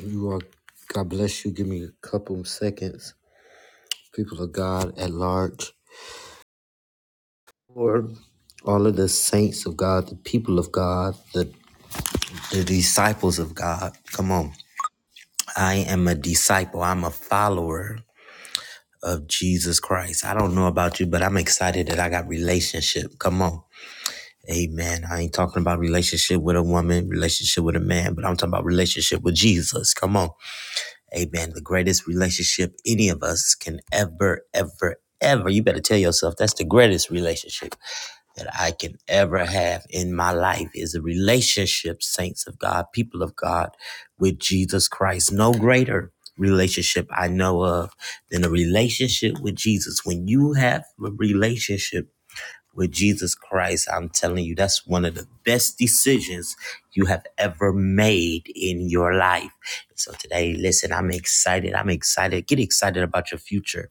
You are, God bless you. Give me a couple seconds. People of God at large, Lord, all of the saints of God, the people of God, the, the disciples of God. Come on. I am a disciple, I'm a follower of Jesus Christ. I don't know about you, but I'm excited that I got relationship. Come on. Amen. I ain't talking about relationship with a woman, relationship with a man, but I'm talking about relationship with Jesus. Come on. Amen. The greatest relationship any of us can ever, ever, ever. You better tell yourself that's the greatest relationship that I can ever have in my life is a relationship, saints of God, people of God, with Jesus Christ. No greater relationship I know of than a relationship with Jesus. When you have a relationship, with Jesus Christ, I'm telling you, that's one of the best decisions you have ever made in your life. So today, listen, I'm excited. I'm excited. Get excited about your future.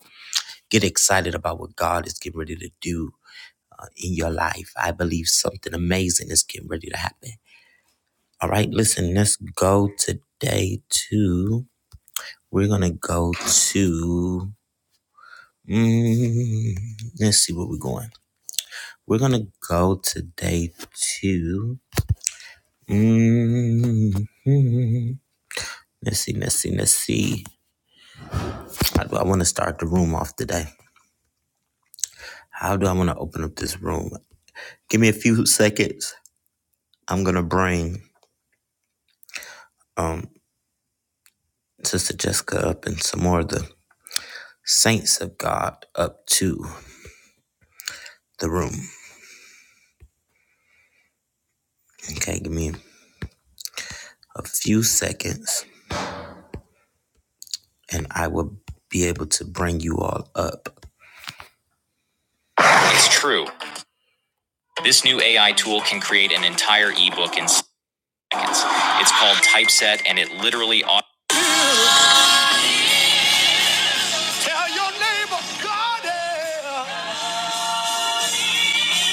Get excited about what God is getting ready to do uh, in your life. I believe something amazing is getting ready to happen. All right, listen, let's go today to, we're going to go to, mm, let's see where we're going. We're going to go today to, hmm Let's see, let's see, let's see. How do I want to start the room off today? How do I want to open up this room? Give me a few seconds. I'm gonna bring um Sister Jessica up and some more of the saints of God up to the room. Okay, give me a few seconds, and I will be able to bring you all up. It's true. This new AI tool can create an entire ebook in seconds. It's called Typeset, and it literally. auto- Tell your neighbor, God is.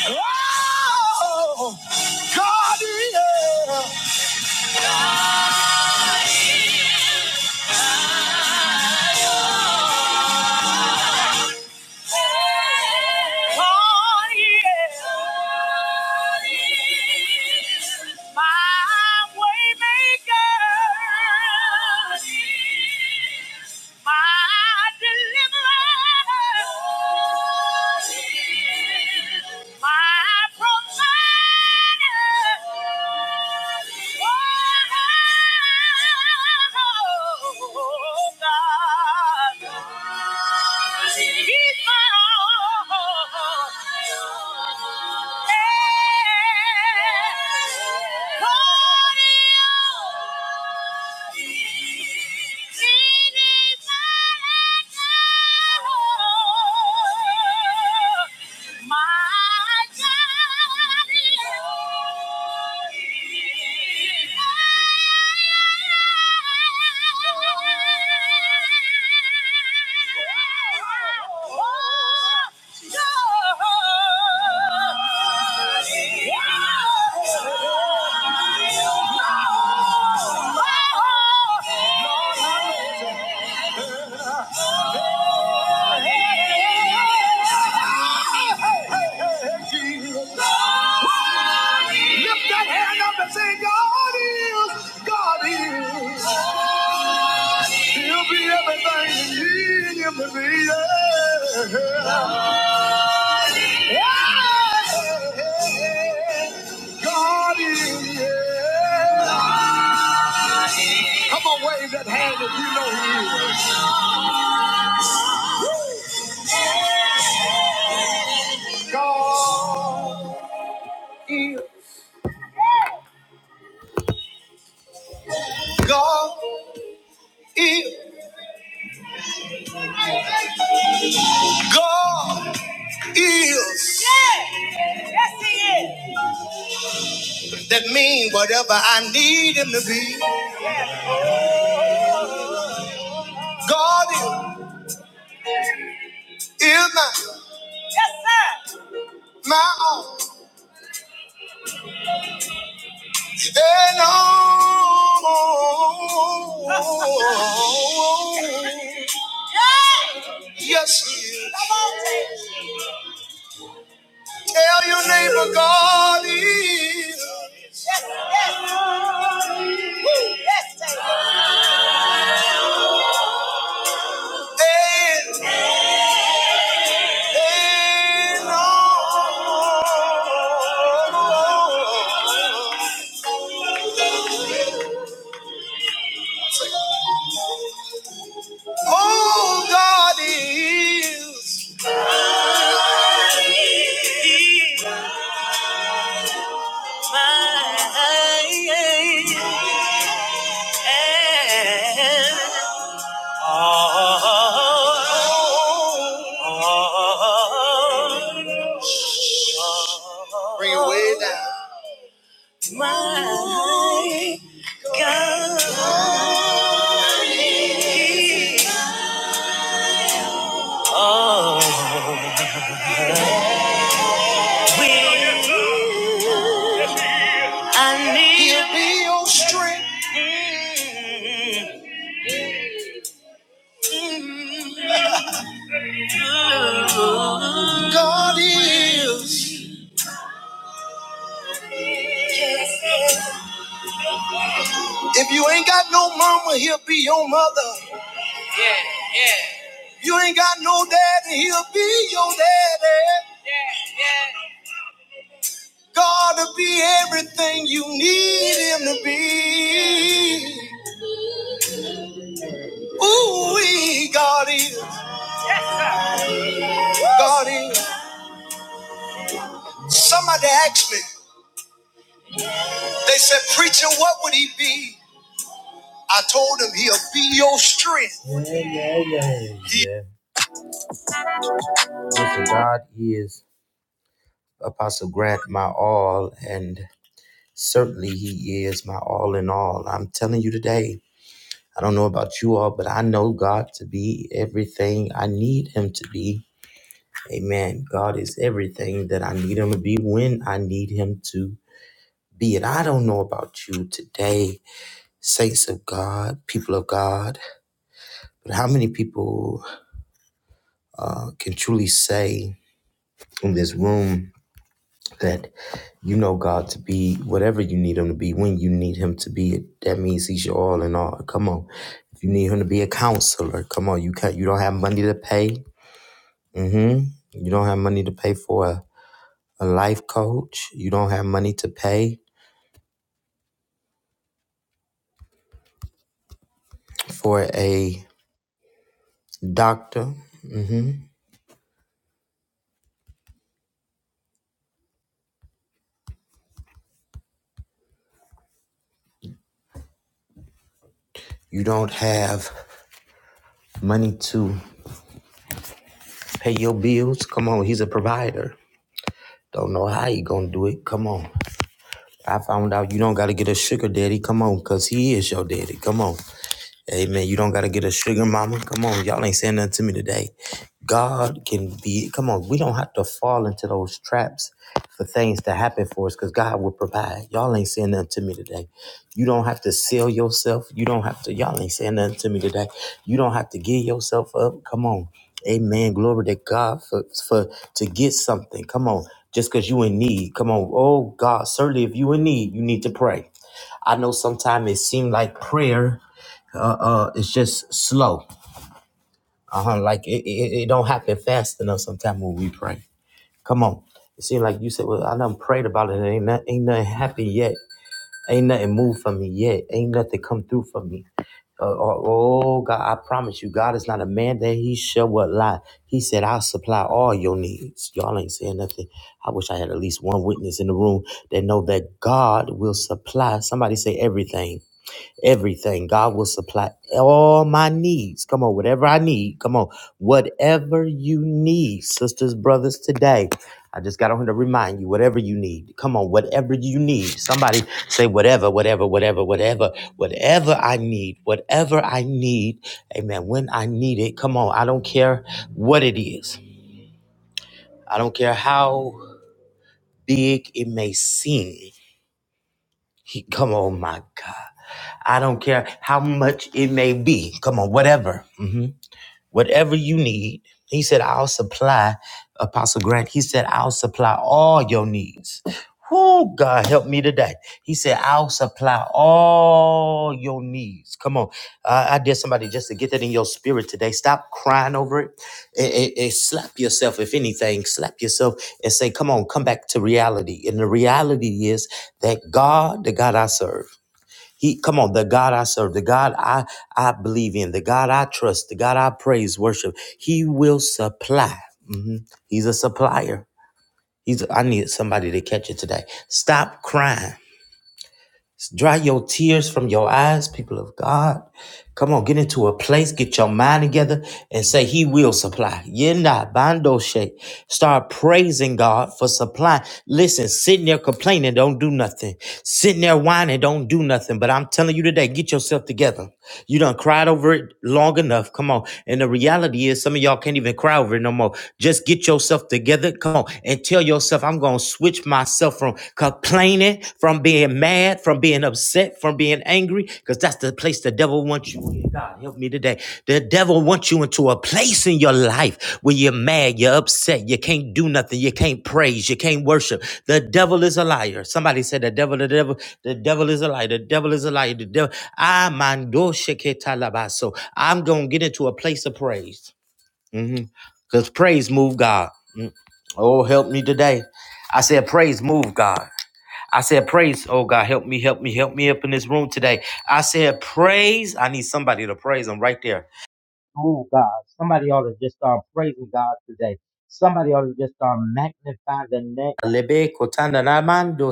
Oh, God is. God is. Oh, yeah. My way maker. My deliverer. My provider. My yeah. Lift that hand up and say, God is. He'll be everything. Yes. God is. Come on. God is. God is. God is. Yes, Yes, He is. that mean whatever I need him to be. God is, is my, yes, sir. my all. And all. yes, he is. on, Tell your neighbor God is. Yes, yes. Woo. Yes, Tay. Oh, God is mine Bring it way down. I need He'll be your strength. God is. If you ain't got no mama, he'll be your mother. Yeah, yeah. You ain't got no daddy, he'll be your daddy. Yeah, yeah. God will be everything you need him to be. Ooh, wee, God is, God is. Somebody asked me, they said, preacher, what would he be? I told him he'll be your strength. Yeah, yeah, yeah. yeah. Listen, God is Apostle Grant my all, and certainly he is my all in all. I'm telling you today, I don't know about you all, but I know God to be everything I need him to be. Amen. God is everything that I need him to be when I need him to be. And I don't know about you today, saints of God, people of God, but how many people uh, can truly say in this room that you know God to be whatever you need him to be when you need him to be. That means he's your all in all. Come on. If you need him to be a counselor, come on, you can't you don't have money to pay. hmm You don't have money to pay for a, a life coach. You don't have money to pay for a doctor. hmm You don't have money to pay your bills. Come on, he's a provider. Don't know how you gonna do it. Come on. I found out you don't got to get a sugar daddy. Come on, because he is your daddy. Come on. hey man, You don't got to get a sugar mama. Come on. Y'all ain't saying nothing to me today. God can be, come on, we don't have to fall into those traps for things to happen for us because God will provide. Y'all ain't saying nothing to me today. You don't have to sell yourself. You don't have to, y'all ain't saying nothing to me today. You don't have to give yourself up. Come on. Amen. Glory to God for, for to get something. Come on. Just because you in need. Come on. Oh God, certainly if you in need, you need to pray. I know sometimes it seems like prayer uh, uh, is just slow. Uh-huh. Like it, it, it don't happen fast enough sometimes when we pray. Come on. It seems like you said, Well, I done prayed about it. And Ain't not, ain't nothing happened yet. Ain't nothing moved for me yet. Ain't nothing come through for me. Uh, oh, oh, God, I promise you, God is not a man that he shall what lie. He said, I'll supply all your needs. Y'all ain't saying nothing. I wish I had at least one witness in the room that know that God will supply. Somebody say everything everything. God will supply all my needs. Come on, whatever I need. Come on, whatever you need, sisters, brothers, today. I just got on here to remind you, whatever you need. Come on, whatever you need. Somebody say, whatever, whatever, whatever, whatever, whatever I need, whatever I need. Amen. When I need it, come on. I don't care what it is. I don't care how big it may seem. He, come on, my God. I don't care how much it may be. Come on, whatever. Mhm whatever you need. He said, I'll supply, Apostle Grant, he said, I'll supply all your needs. Oh, God, help me today. He said, I'll supply all your needs. Come on. I I dare somebody just to get that in your spirit today. Stop crying over it and, and- and slap yourself, if anything, slap yourself and say, Come on, come back to reality. And the reality is that God, the God I serve, he come on, the God I serve, the God I I believe in, the God I trust, the God I praise, worship. He will supply. Mhm. He's a supplier. He's I need somebody to catch it today. Stop crying. Dry your tears from your eyes, people of God. Come on, get into a place, get your mind together, and say, He will supply. Yenda bando she. Start praising God for supply. Listen, sitting there complaining, don't do nothing. Sitting there whining, don't do nothing. But I'm telling you today, get yourself together. You done cried over it long enough. Come on. And the reality is, some of y'all can't even cry over it no more. Just get yourself together. Come on. And tell yourself, I'm going to switch myself yourself from complaining, from being mad, from being upset, from being angry, because that's the place the devil wants you in. God, help me today. The devil wants you into a place in your life where you're mad, you're upset, you can't do nothing, you can't praise, you can't worship. The devil is a liar. Somebody said the devil, the devil, the devil is a liar, the devil is a liar, the devil. I mando sheketalabaso. I'm gonna get into a place of praise. Mm-hmm. Cause praise move God. Mm. Oh, help me today. I said praise move God. I said praise. Oh God, help me, help me, help me up in this room today. I said praise. I need somebody to praise. him right there. Move God. Somebody ought to just start praising God today. Somebody ought to just start magnifying the name. Lebe kotanda na mando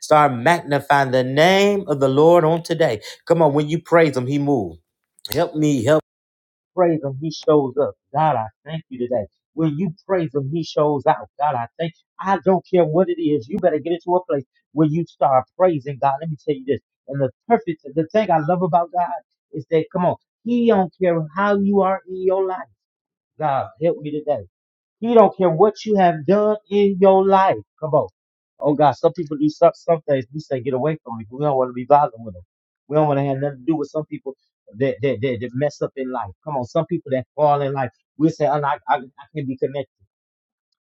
Start magnifying the name of the Lord on today. Come on, when you praise Him, He moves. Help me, help praise him, he shows up. God, I thank you today. When you praise him, he shows out. God, I thank You. I don't care what it is. You better get into a place where you start praising God. Let me tell you this. And the perfect, the thing I love about God is that, come on, he don't care how you are in your life. God, help me today. He don't care what you have done in your life. Come on. Oh God, some people do some, some things. We say get away from me. We don't want to be bothered with them. We don't want to have nothing to do with some people that that, that that mess up in life. Come on, some people that fall in life. We say, "Oh, no, I, I, I can't be connected.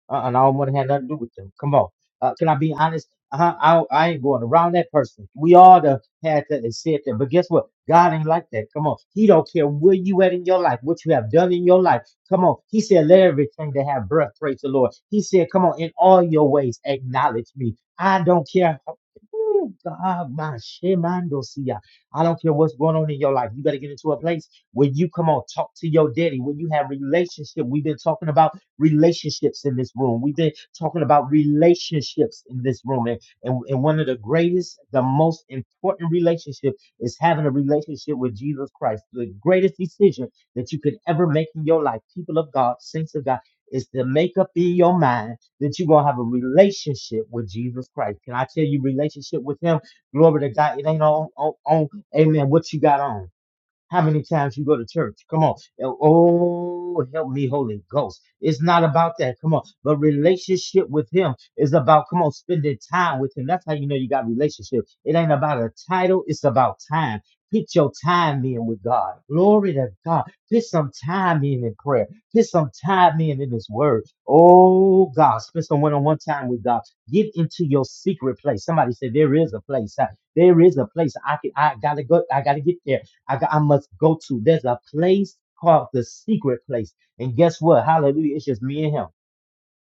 Uh, and I don't want to have nothing to do with them. Come on. Uh, can I be honest? Uh, I, I ain't going around that person. We all the had that and said that. But guess what? God ain't like that. Come on. He don't care where you at in your life, what you have done in your life. Come on. He said, let everything that have breath praise the Lord. He said, come on, in all your ways, acknowledge me. I don't care. how- Ooh, God, my shemando siya. I don't care what's going on in your life. You better get into a place when you come on, talk to your daddy, when you have relationship, we've been talking about relationships in this room. We've been talking about relationships in this room. And, and, and one of the greatest, the most important relationship is having a relationship with Jesus Christ. The greatest decision that you could ever make in your life, people of God, saints of God, is to make up in your mind that you're going to have a relationship with Jesus Christ. Can I tell you, relationship with Him? Glory to God. It ain't on, on, on amen, what you got on. How many times you go to church? Come on. Oh, help me, Holy Ghost. It's not about that. Come on. But relationship with Him is about, come on, spending time with Him. That's how you know you got relationship. It ain't about a title, it's about time. Put your time in with God. Glory to God. Put some time in in prayer. Put some time in in His Word. Oh, God. Spend some one on one time with God. Get into your secret place. Somebody said, There is a place. There is a place. I, can, I gotta go. I gotta get there. I, got, I must go to. There's a place called the secret place. And guess what? Hallelujah. It's just me and him.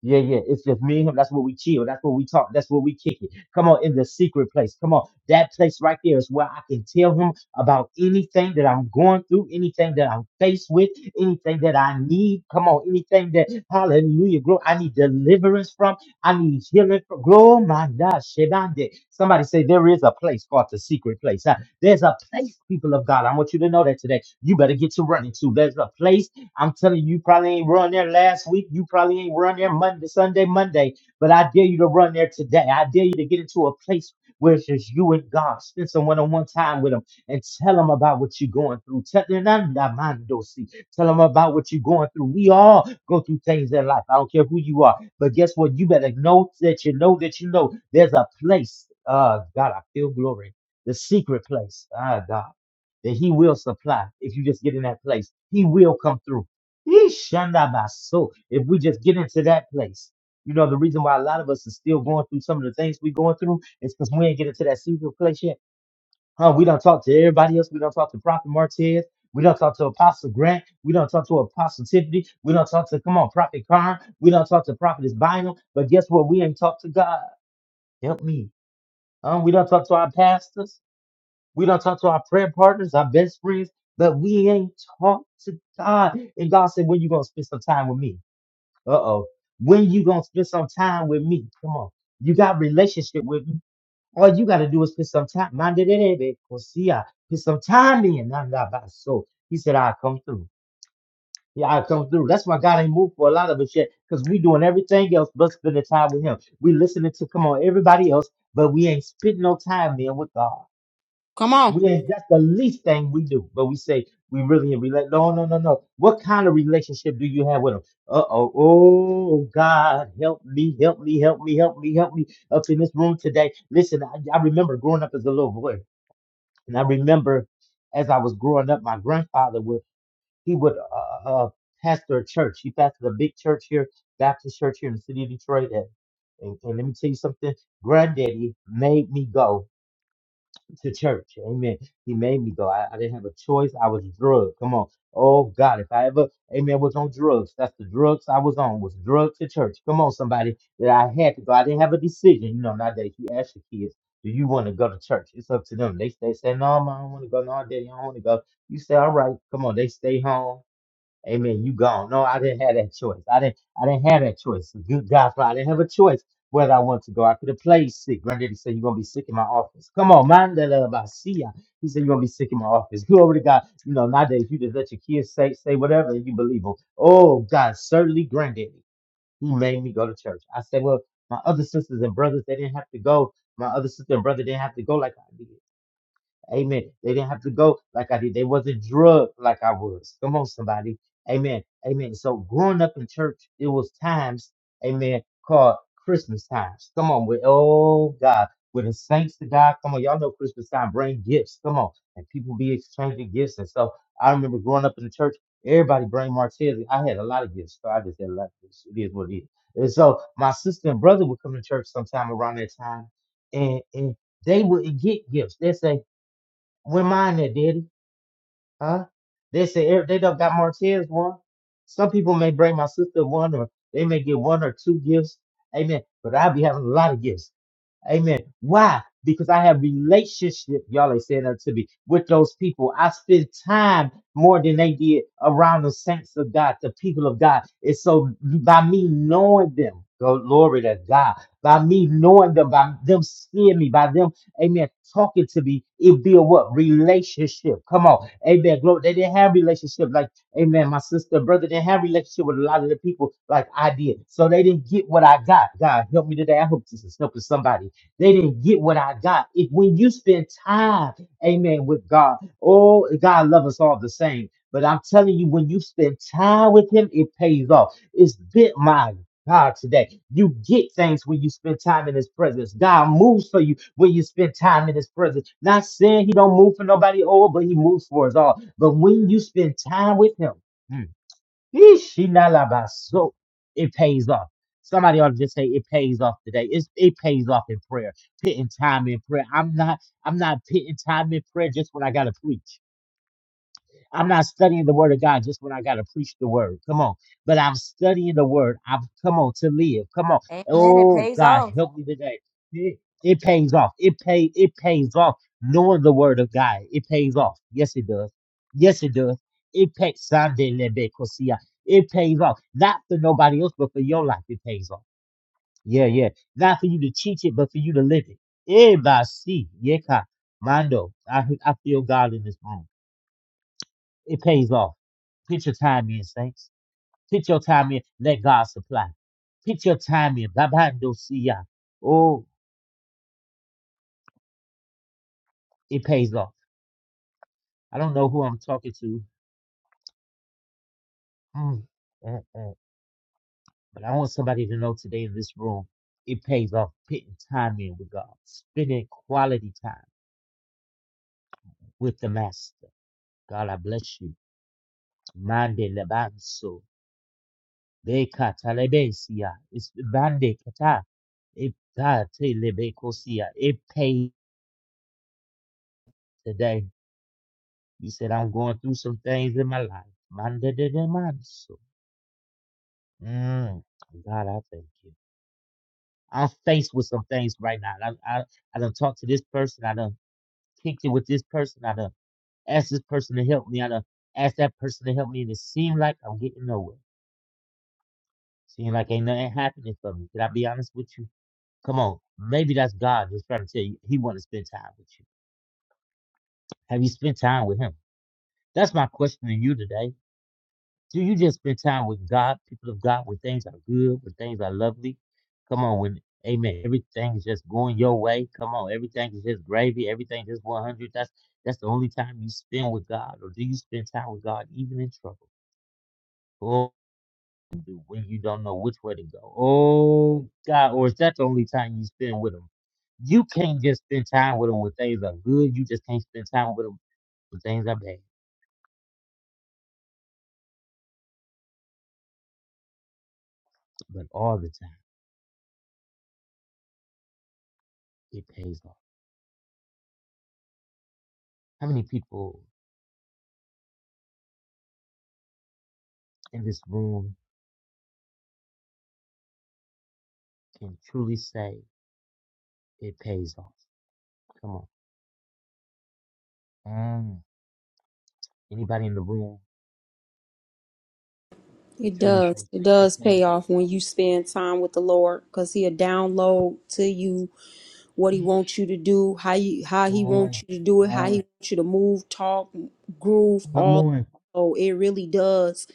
Yeah, yeah. It's just me and him. That's where we chill. That's where we talk. That's where we kick it. Come on, in the secret place. Come on. That place right there is where I can tell him about anything that I'm going through, anything that I'm faced with, anything that I need. Come on, anything that hallelujah, glory. I need deliverance from. I need healing from. Glory my God. Shebande. Somebody say there is a place called the secret place. Huh? There's a place, people of God. I want you to know that today. You better get to running to. There's a place I'm telling you, you probably ain't run there last week. You probably ain't run there Monday, Sunday, Monday. But I dare you to run there today. I dare you to get into a place where it's just you and God. Spend some one-on-one time with Him and tell Him about what you're going through. Tell Tell Him about what you're going through. We all go through things in life. I don't care who you are. But guess what? You better know that you know that you know there's a place. Uh, God, I feel glory. The secret place. Ah, God that he will supply if you just get in that place. He will come through. Yeesh, shandabaso. If we just get into that place, you know, the reason why a lot of us are still going through some of the things we're going through is because we ain't get into that secret place yet. Huh? We don't talk to everybody else. We don't talk to Prophet Martez. We don't talk to Apostle Grant. We don't talk to Apostle Tiffany. We don't talk to, come on, Prophet Karn. We don't talk to Prophetess Bynum. But guess what? We ain't talk to God. Help me. Huh? We don't talk to our pastors. We don't talk to our prayer partners, our best friends. But we ain't talk to God. And God said, when you going to spend some time with me? Uh oh. When you gonna spend some time with me? Come on. You got relationship with me. All you gotta do is spend some time. Mande de de de, ko siya. Put some time in. Nah, nah, bah. So he said, I'll come through. Yeah, I'll come through. That's why God ain't moved for a lot of us yet, because we doing everything else but spending time with him. We listening to come on everybody else, but we ain't spending no time in with God. Come on. We did that's the least thing we do. But we say we really in relate. No, no, no, no. What kind of relationship do you have with them? Uh oh. Oh God, help me, help me, help me, help me, help me. Up in this room today. Listen, I, I remember growing up as a little boy, and I remember as I was growing up, my grandfather would he would uh, uh uh, pastor a church. He pastored a big church here, Baptist church here in the city of Detroit. And, and, and let me tell you something. Granddaddy made me go to church. Amen. He made me go. I, I didn't have a choice. I was drugged. Come on. Oh God, if I ever, amen, was on drugs, that's the drugs I was on, was drugs to church. Come on, somebody, that I had to go. I didn't have a decision. You know, nowadays you ask your kids, do you want to go to church? It's up to them. They, they say, no, Mom, I don't want to go. No, Daddy, I don't want to go. You say, all right, come on. They stay home. Amen. You gone. No, I didn't have that choice. I didn't. I didn't have that choice. Good God, I didn't have a choice whether I want to go. I could have played sick. Granddaddy said you're gonna be sick in my office. Come on, man. that love I see ya. He said you're gonna be sick in my office. Glory to God. You know nowadays you just let your kids say say whatever you believe them. Oh God, certainly Granddaddy. He made me go to church. I said, well, my other sisters and brothers they didn't have to go. My other sister and brother didn't have to go like I did. Amen. They didn't have to go like I did. They wasn't drugged like I was. Come on, somebody. Amen. Amen. So growing up in church, it was times, amen, called Christmas times. Come on, with oh God, with the saints to God. Come on, y'all know Christmas time bring gifts. Come on, and people be exchanging gifts. And so I remember growing up in the church, everybody bring Martez. I had a lot of gifts, so I just had a lot of gifts. It is what it is. And so my sister and brother would come to church sometime around that time, and and they would get gifts. They say we're mine that did, it, huh? They say every- they done got Martez one. Some people may bring my sister one, or they may get one or two gifts. Amen. But I be having a lot of gifts. Amen. Why? Because I have relationship, y'all ain't saying that to me, with those people. I spend time more than they did around the saints of God, the people of God. And so by me knowing them, go- glory to God, by me knowing them, by them seeing me, by them, amen, talking to me, it build what? Relationship. Come on. Amen. Glory. They didn't have relationship like, amen, my sister, and brother didn't have relationship with a lot of the people like I did. So they didn't get what I got. God help me today. I hope this is helping somebody they didn't get what I got. If when you spend time, amen, with God, oh, God loves us all the same. But I'm telling you, when you spend time with Him, it pays off. It's been my God today. You get things when you spend time in His presence. God moves for you when you spend time in His presence. Not saying He don't move for nobody, oh, but He moves for us all. But when you spend time with Him, hmm, Yeesh, he So it pays off. Somebody ought to just say it pays off today. It's, it pays off in prayer, pitting time in prayer. I'm not I'm not pitting time in prayer just when I gotta preach. I'm not studying the word of God just when I gotta preach the word. Come on. But I'm studying the word. I've come on to live. Come on. Amen. It Oh pays God, off. help me today. It, it pays off. It pay it pays off. Knowing the word of God, it pays off. Yes, it does. Yes, it does. It pays Sunday Lebe Kosia. It pays off. Not for nobody else, but for your life, it pays off. Yeah, yeah. Not for you to teach it, but for you to live it. Everybody see. Yeka. Mando. I I feel God in this room. It pays off. Put your time in, saints. Put your time in. Let God supply. Put your time in. Babando siya. Oh, it pays off. I don't know who I'm talking to, Mm, mm, mm. but I want somebody to know today in this room, it pays off. Putting time in with God, spending quality time with the Master. God, I bless you. Mande lebanso. Beka talebesia. It's bande kata. It God, te lebekosia. It pays today. He said I'm going through some things in my life. Mande de de manso. Mm, God, I thank you. I'm faced with some things right now. I I I done talked to this person. I done kicked it with this person. I done asked this person to help me. I done asked that person to help me, and it seemed like I'm getting nowhere. Seemed like ain't nothing happening for me. Can I be honest with you? Come on, maybe that's God just trying to tell you He want to spend time with you. Have you spent time with Him? That's my question to you today. Do you just spend time with God, people of God, when things are good, when things are lovely? Come on, when Amen, everything is just going your way. Come on, everything is just gravy, everything is just one hundred. That's that's the only time you spend with God, or do you spend time with God even in trouble? Oh, do when you don't know which way to go. Oh God, or is that the only time you spend with Him? You can't just spend time with Him when things are good. You just can't spend time with Him when things are bad. But all the time, it pays off. How many people in this room can truly say it pays off. Come on. Mm. Anybody in the room can It truly say does. It it does pays pay off. off when you spend time with the Lord because He'll download to you what he wants you to do, how you how Come he on. wants you to do Come it, how he on. wants you to move, talk, groove, Come all. on. So it really does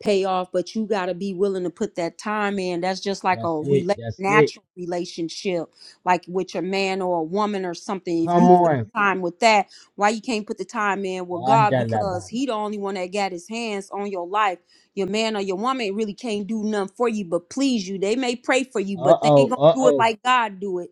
pay off, but you got to be willing to put that time in. That's just like a That's it. rela- That's it. natural relationship, like with your man or a woman or something. If Come you put on. time with that, why you can't put the time in with God? Because Adalaba. He the only one that got His hands on your life. Your man or your woman really can't do nothing for you but please you. They may pray for you, Uh but they ain't oh. gonna Uh do it oh. like God do it.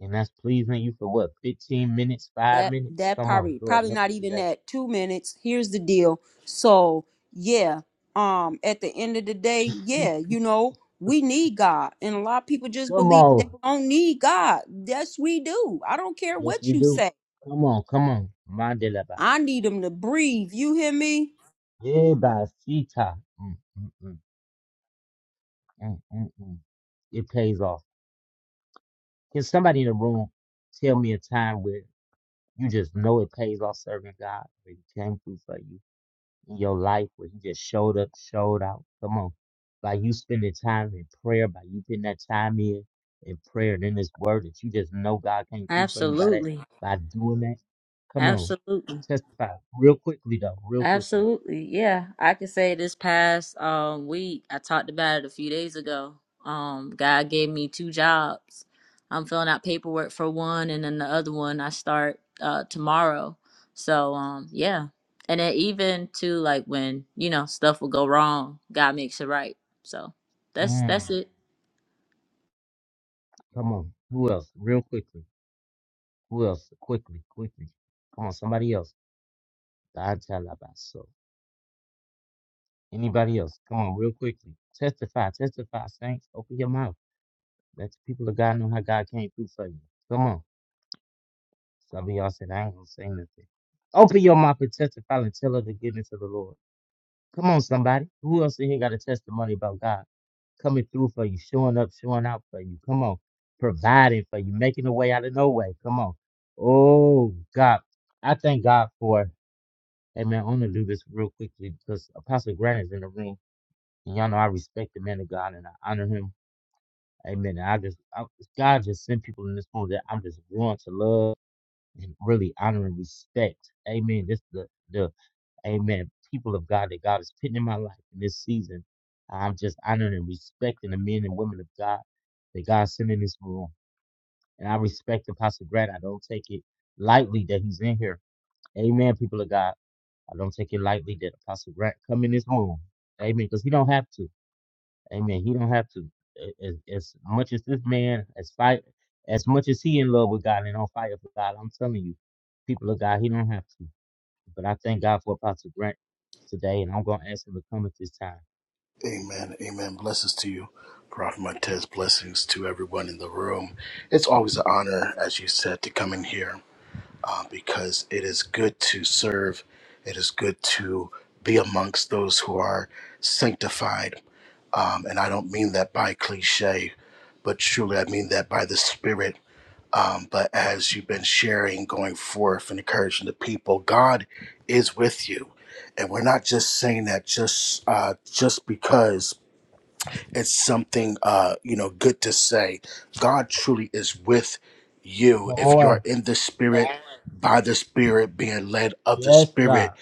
And that's pleasing you for what? 15 minutes, 5 that minutes? that Come on. probably Lord, probably help not me even today. that two minutes here's the deal so yeah um at the end of the day yeah you know we need god and a lot of people just Come believe they on. don't need god yes we do i don't care Yes, what we you do. say Come on. Come on. Mandalaba. i need him to breathe you hear me Yeah, by Sita. Mm, mm, mm, mm, mm, mm. It pays off. Can somebody in the room tell me a time where you just know it pays off serving God, where He came through for you in your life, where He just showed up, showed out? Come on. By you spending time in prayer, by you putting that time in in prayer and in His Word, that you just know God came through for you by that, Absolutely. by doing that. Come on. Absolutely. Testify real quickly, though, real quickly. Absolutely. Yeah. I can say this past um week, I talked about it a few days ago. Um, God gave me two jobs. I'm filling out paperwork for one and then the other one I start uh tomorrow. So um yeah. And then even to like when, you know, stuff will go wrong, God makes it right. So that's Mm, that's it. come on. Who else? Real quickly. Who else? Quickly, quickly. Come on, somebody else. Don't tell about so. Anybody else? Come on, real quickly. Testify, testify, saints. Open your mouth. Let the people of God know how God came through for you. Come on. Some of y'all said, I ain't gonna say nothing. Open your mouth and testify and tell of the goodness of the Lord. Come on, somebody. Who else in here got a testimony about God coming through for you, showing up, showing out for you? Come on. Providing for you, making a way out of no way. Come on. Oh, God. I thank God for, hey man, I am going to do this real quickly because Apostle Grant is in the room. And y'all know I respect the man of God and I honor him. Amen. And I just, I, God just sent people in this room that I'm just drawn to love and really honor and respect. Amen. This the the Amen people of God that God is putting in my life in this season. I'm just honoring and respecting the men and women of God that God sent in this room. And I respect Apostle Grant. I don't take it lightly that he's in here. Amen, people of God. I don't take it lightly that Apostle Grant come in this room. Amen. Because he don't have to. Amen. He don't have to as, as much as this man as fight as much as he in love with God and on fire for God. I'm telling you, people of God, he don't have to. But I thank God for Apostle Grant today, and I'm gonna ask him to come at this time. Amen. Amen. Blessings to you, Prophet Martez. Blessings to everyone in the room. It's always an honor, as you said, to come in here uh, because it is good to serve. It is good to be amongst those who are sanctified. Um, and I don't mean that by cliche, but truly I mean that by the Spirit. Um, but as you've been sharing, going forth and encouraging the people, God is with you. And we're not just saying that just uh, just because it's something uh you know good to say god truly is with you Come if you're on, in the spirit by the spirit being led of the yes, spirit God,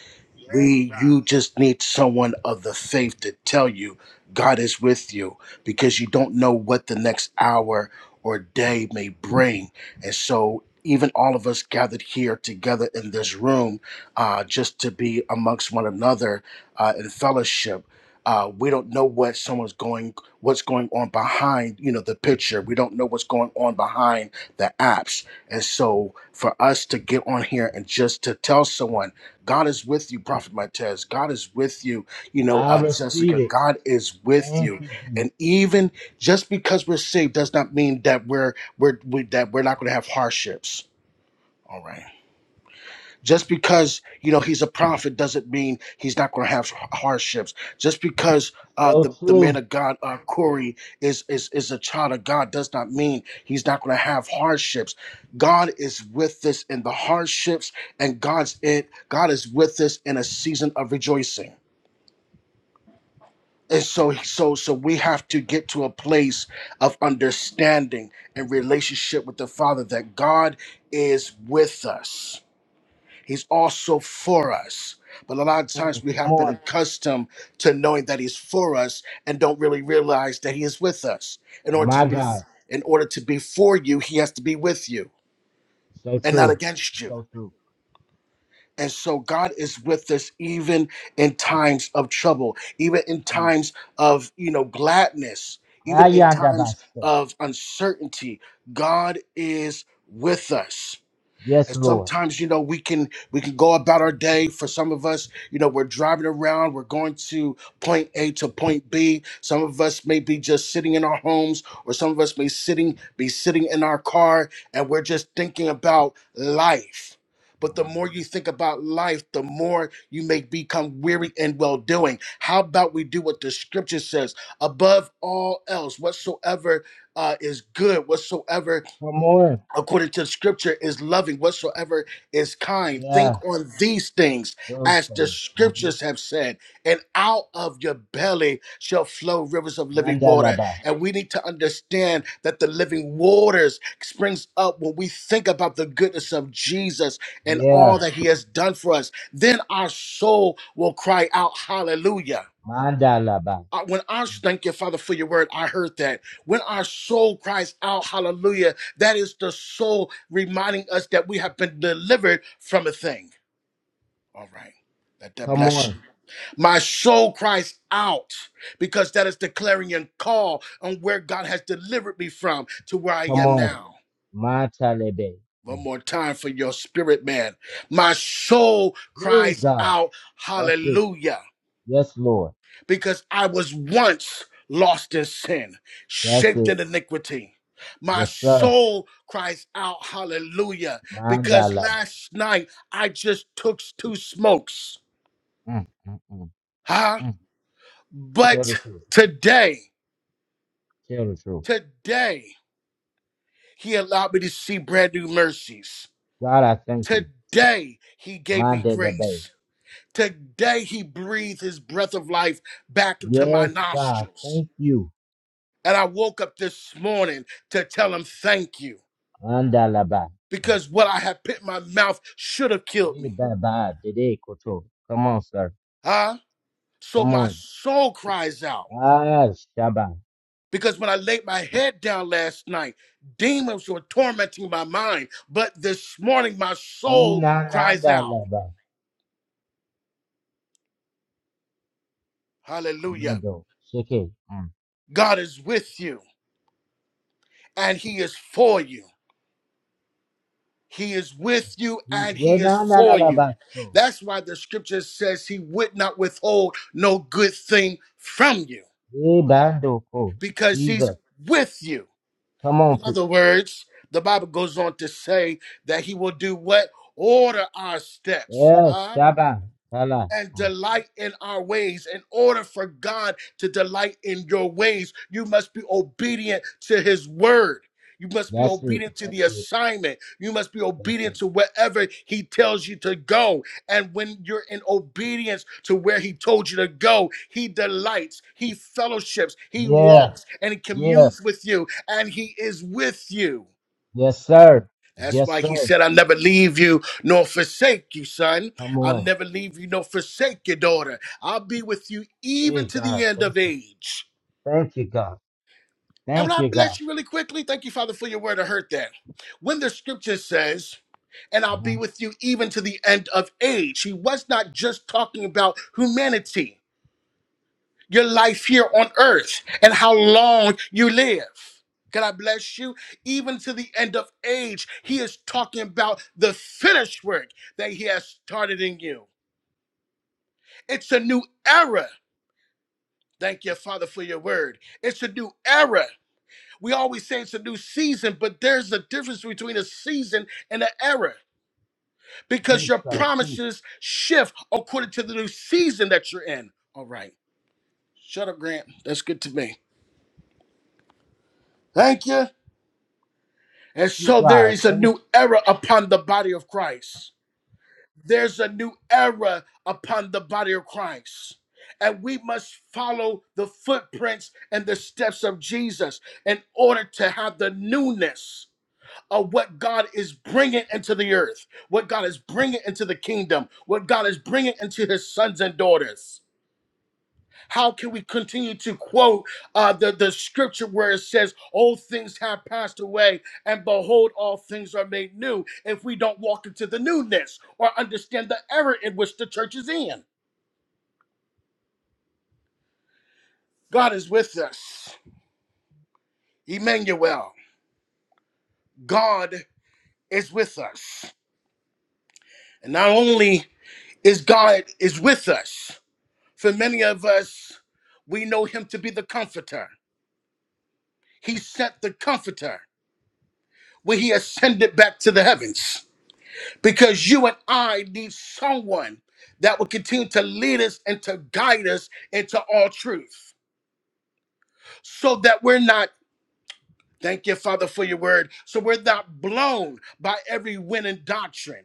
we you just need someone of the faith to tell you God is with you because you don't know what the next hour or day may bring. And so even all of us gathered here together in this room, uh, just to be amongst one another uh, in fellowship. Uh, we don't know what someone's going what's going on behind you know the picture we don't know what's going on behind the apps and so for us to get on here and just to tell someone god is with you prophet Matez. god is with you you know I uh, receive jessica it. god is with Thank you you, Jesus. and even just because we're saved does not mean that we're we're we, that we're not going to have hardships All right. Just because you know he's a prophet doesn't mean he's not going to have hardships. Just because uh, the So the man true. of God uh, Corey is is is a child of God does not mean he's not going to have hardships. God is with us in the hardships, and God's it. God is with us in a season of rejoicing. And so, so, so we have to get to a place of understanding and relationship with the Father that God is with us He's also for us. But a lot of Come on, times we come have been on. accustomed to knowing that he's for us and don't really realize that he is with us. In order my to be God, in order to be for you, he has to be with you so and not true, against you. so true. And so God is with us even in times of trouble, even in Mm. times of, you know, gladness, even in times Ayandabaso. of uncertainty. God is with us. Yes, And Lord. sometimes, you know, we can we can go about our day. For some of us, you know, we're driving around, we're going to point A to point B. Some of us may be just sitting in our homes, or some of us may sitting be sitting in our car, and we're just thinking about life. But the Mm. more you think about life, the more you may become weary and well doing. How about we do what the scripture says? Above all else, whatsoever uh, is good, whatsoever Come on, according to scripture is loving whatsoever is kind yeah, think on these things those as the things. scriptures have said and out of your belly shall flow rivers of living water Mandalaba. and we need to understand that the living waters springs up when we think about the goodness of jesus and Yeah, all that he has done for us then our soul will cry out hallelujah Mandalaba. I- when our thank you, Father, for your word, I heard that. When our soul cries out, hallelujah, that is the soul reminding us that we have been delivered from a thing. All right. Let that Come bless you. on, My soul cries out because that is declaring and call on where God has delivered me from to where I come am on, now. Mandalebe. One more time for your spirit, man. My soul There you cries go. out, That's it. hallelujah. Yes, Lord. because I was once lost in sin, That's shaped it. in iniquity. My Yes, sir. soul cries out hallelujah because Mandalaba. last night I just took two smokes. Mm, mm, mm, Huh? mm. Tell But the truth. today, Tell the truth. today, he allowed me to see brand new mercies. God, I thank you. Today, he gave me Mandalaba. grace. Today, he breathed his breath of life back into my Yes, God, nostrils. thank you. And I woke up this morning to tell him thank you. Mandalaba. Mm. because what I had put in my mouth should have killed Eh, me. ba, today de, koto. Come on, sir. Huh? So Come my on. soul cries out Ah, Shabbat. because when I laid my head down last night, demons were tormenting my mind. But this morning, my soul cries out. Inanadalaba. Hallelujah. Mando, Shiki, and God is with you and He is for you. He is with you we and yeah, He is no, no, no, for no, you. Basco. That's why the scripture says He would not withhold no good thing from you We bando ko, because He's Jesus. with you. Come on, In pre- other words, the Bible goes on to say that he will do what? Order our steps. yes, Huh? Shaba, Kala. and Mm, delight in our ways. In order for God to delight in your ways, you must be obedient to his word. You must be That's it, obedient to that's the it, assignment. You must be that's obedient it. to wherever he tells you to go. And when you're in obedience to where he told you to go, he delights, he fellowships, he Yeah, walks, and he yeah, communes with you, and he is with you. yes, sir, That's yes, why he sir. said, I'll never leave you nor forsake you, son. Come I'll on, never leave you nor forsake your daughter. I'll be with you even hey to God, the end thank of you, age. thank you, God, And when thank I you, God. bless you really quickly, thank you, Father, for your word. I heard that. When the scripture says, and I'll Uh-huh. be with you even to the end of age, he was not just talking about humanity. your life here on earth and how long you live. God I bless you? Even to the end of age, he is talking about the finished work that he has started in you. It's a new era. Thank you, Father, for your word. It's a new era. We always say it's a new season, but there's a difference between a season and an era because Teach, your God, teach, promises shift according to the new season that you're in. All right. Shut up, Grant. That's good to me. Thank you. And teach, so there God, is a thank. new era upon the body of Christ. There's a new era upon the body of Christ. And we must follow the footprints and the steps of Jesus in order to have the newness of what God is bringing into the earth, what God is bringing into the kingdom, what God is bringing into his sons and daughters. How can we continue to quote uh, the, the scripture where it says, Old things have passed away, and behold, all things are made new, if we don't walk into the newness or understand the error in which the church is in? God is with us. Emmanuel, God is with us. And not only is God is with us, for many of us, we know him to be the comforter. He sent the comforter when he ascended back to the heavens. because you and I need someone that will continue to lead us and to guide us into all truth so that we're not, thank you, Father, for your word, so we're not blown by every wind and doctrine,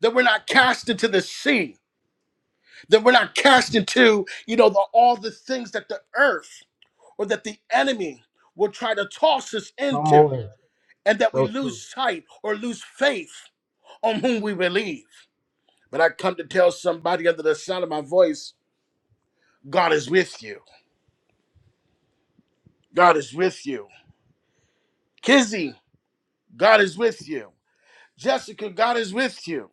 that we're not cast into the sea, that we're not cast into, you know, the, all the things that the earth or that the enemy will try to toss us Come into, on, and that we so lose true. sight or lose faith on whom we believe. But I come to tell somebody under the sound of my voice God is with you. God is with you. Kizzy, God is with you. Jessica, God is with you.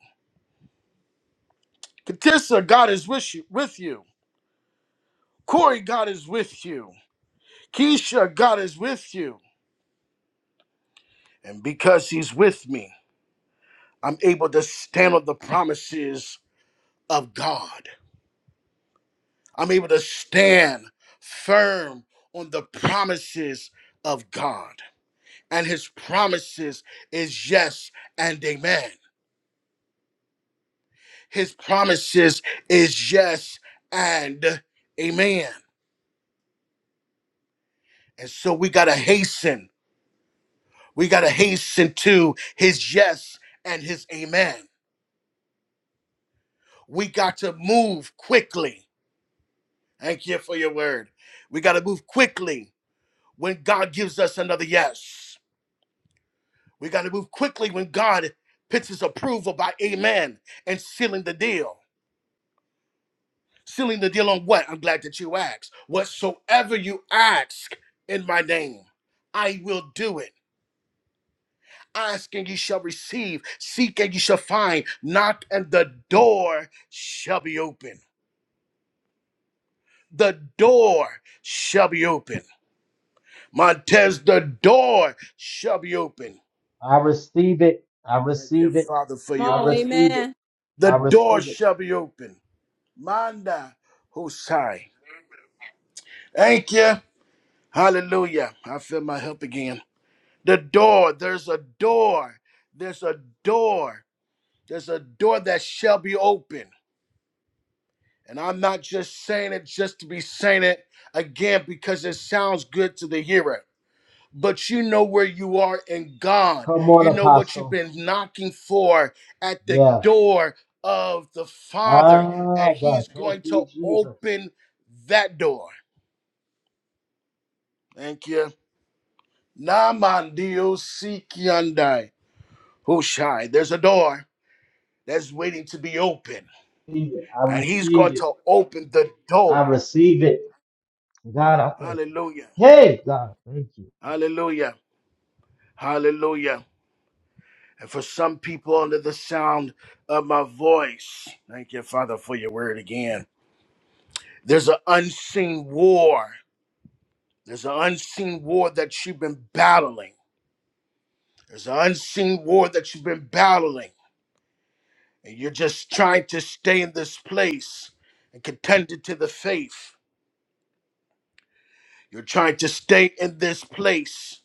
Katissa, God is with you. With you. Corey, God is with you. Keisha, God is with you. And because He's with me, I'm able to stand on the promises of God. I'm able to stand firm on the promises of God. And His promises is yes and amen. His promises is yes and amen. And so we got to hasten. We got to hasten to his yes and his amen. We got to move quickly. Thank you for your word. We got to move quickly when God gives us another yes. We got to move quickly when God puts his approval by amen and sealing the deal. Sealing the deal on what? I'm glad that you asked. Whatsoever you ask in my name, I will do it. Ask and ye shall receive, seek and ye shall find, knock and the door shall be open. The door shall be open. Montez, the door shall be open. I receive it, I Thank you, receive it, Father, for come your I on word. receive amen it, The I door receive it. shall be open. Manda Husai. Thank you. Hallelujah. I feel my help again. The door, there's a door. There's a door. There's a door that shall be open. And I'm not just saying it just to be saying it again because it sounds good to the hearer. But you know where you are in God. Come on, You know what you've Apostle. been knocking for at the Yeah. door of the Father. Ah, And God. He's Thank going to you, Jesus. open that door. Thank you. Naman Dios Sikiandai. Hushai. There's a door. that's waiting to be open. Receive it. I And he's going receive it. to open the I door. receive it. God, I thank Hallelujah. you. Hey, God, thank you. Hallelujah. Hallelujah. And for some people under the sound of my voice, thank you, Father, for your word again. There's an unseen war. There's an unseen war that you've been battling. There's an unseen war that you've been battling. And you're just trying to stay in this place and contend to the faith. You're trying to stay in this place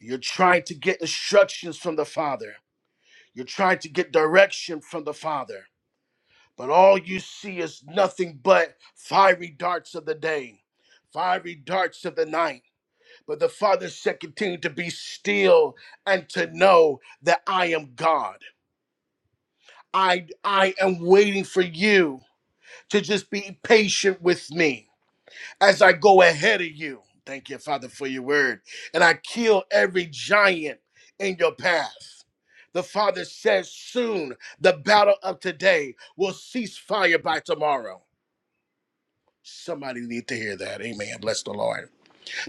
You're trying to get instructions from the Father. You're trying to get direction from the Father. But all you see is nothing but fiery darts of the day, fiery darts of the night. But the Father said, continue to be still and to know that I am God. I, I am waiting for you to just be patient with me. as I go ahead of you. Thank you, Father, for your word. And I kill every giant in your path. The Father says soon the battle of today will cease fire by tomorrow. Somebody need to hear that. Amen. Bless the Lord.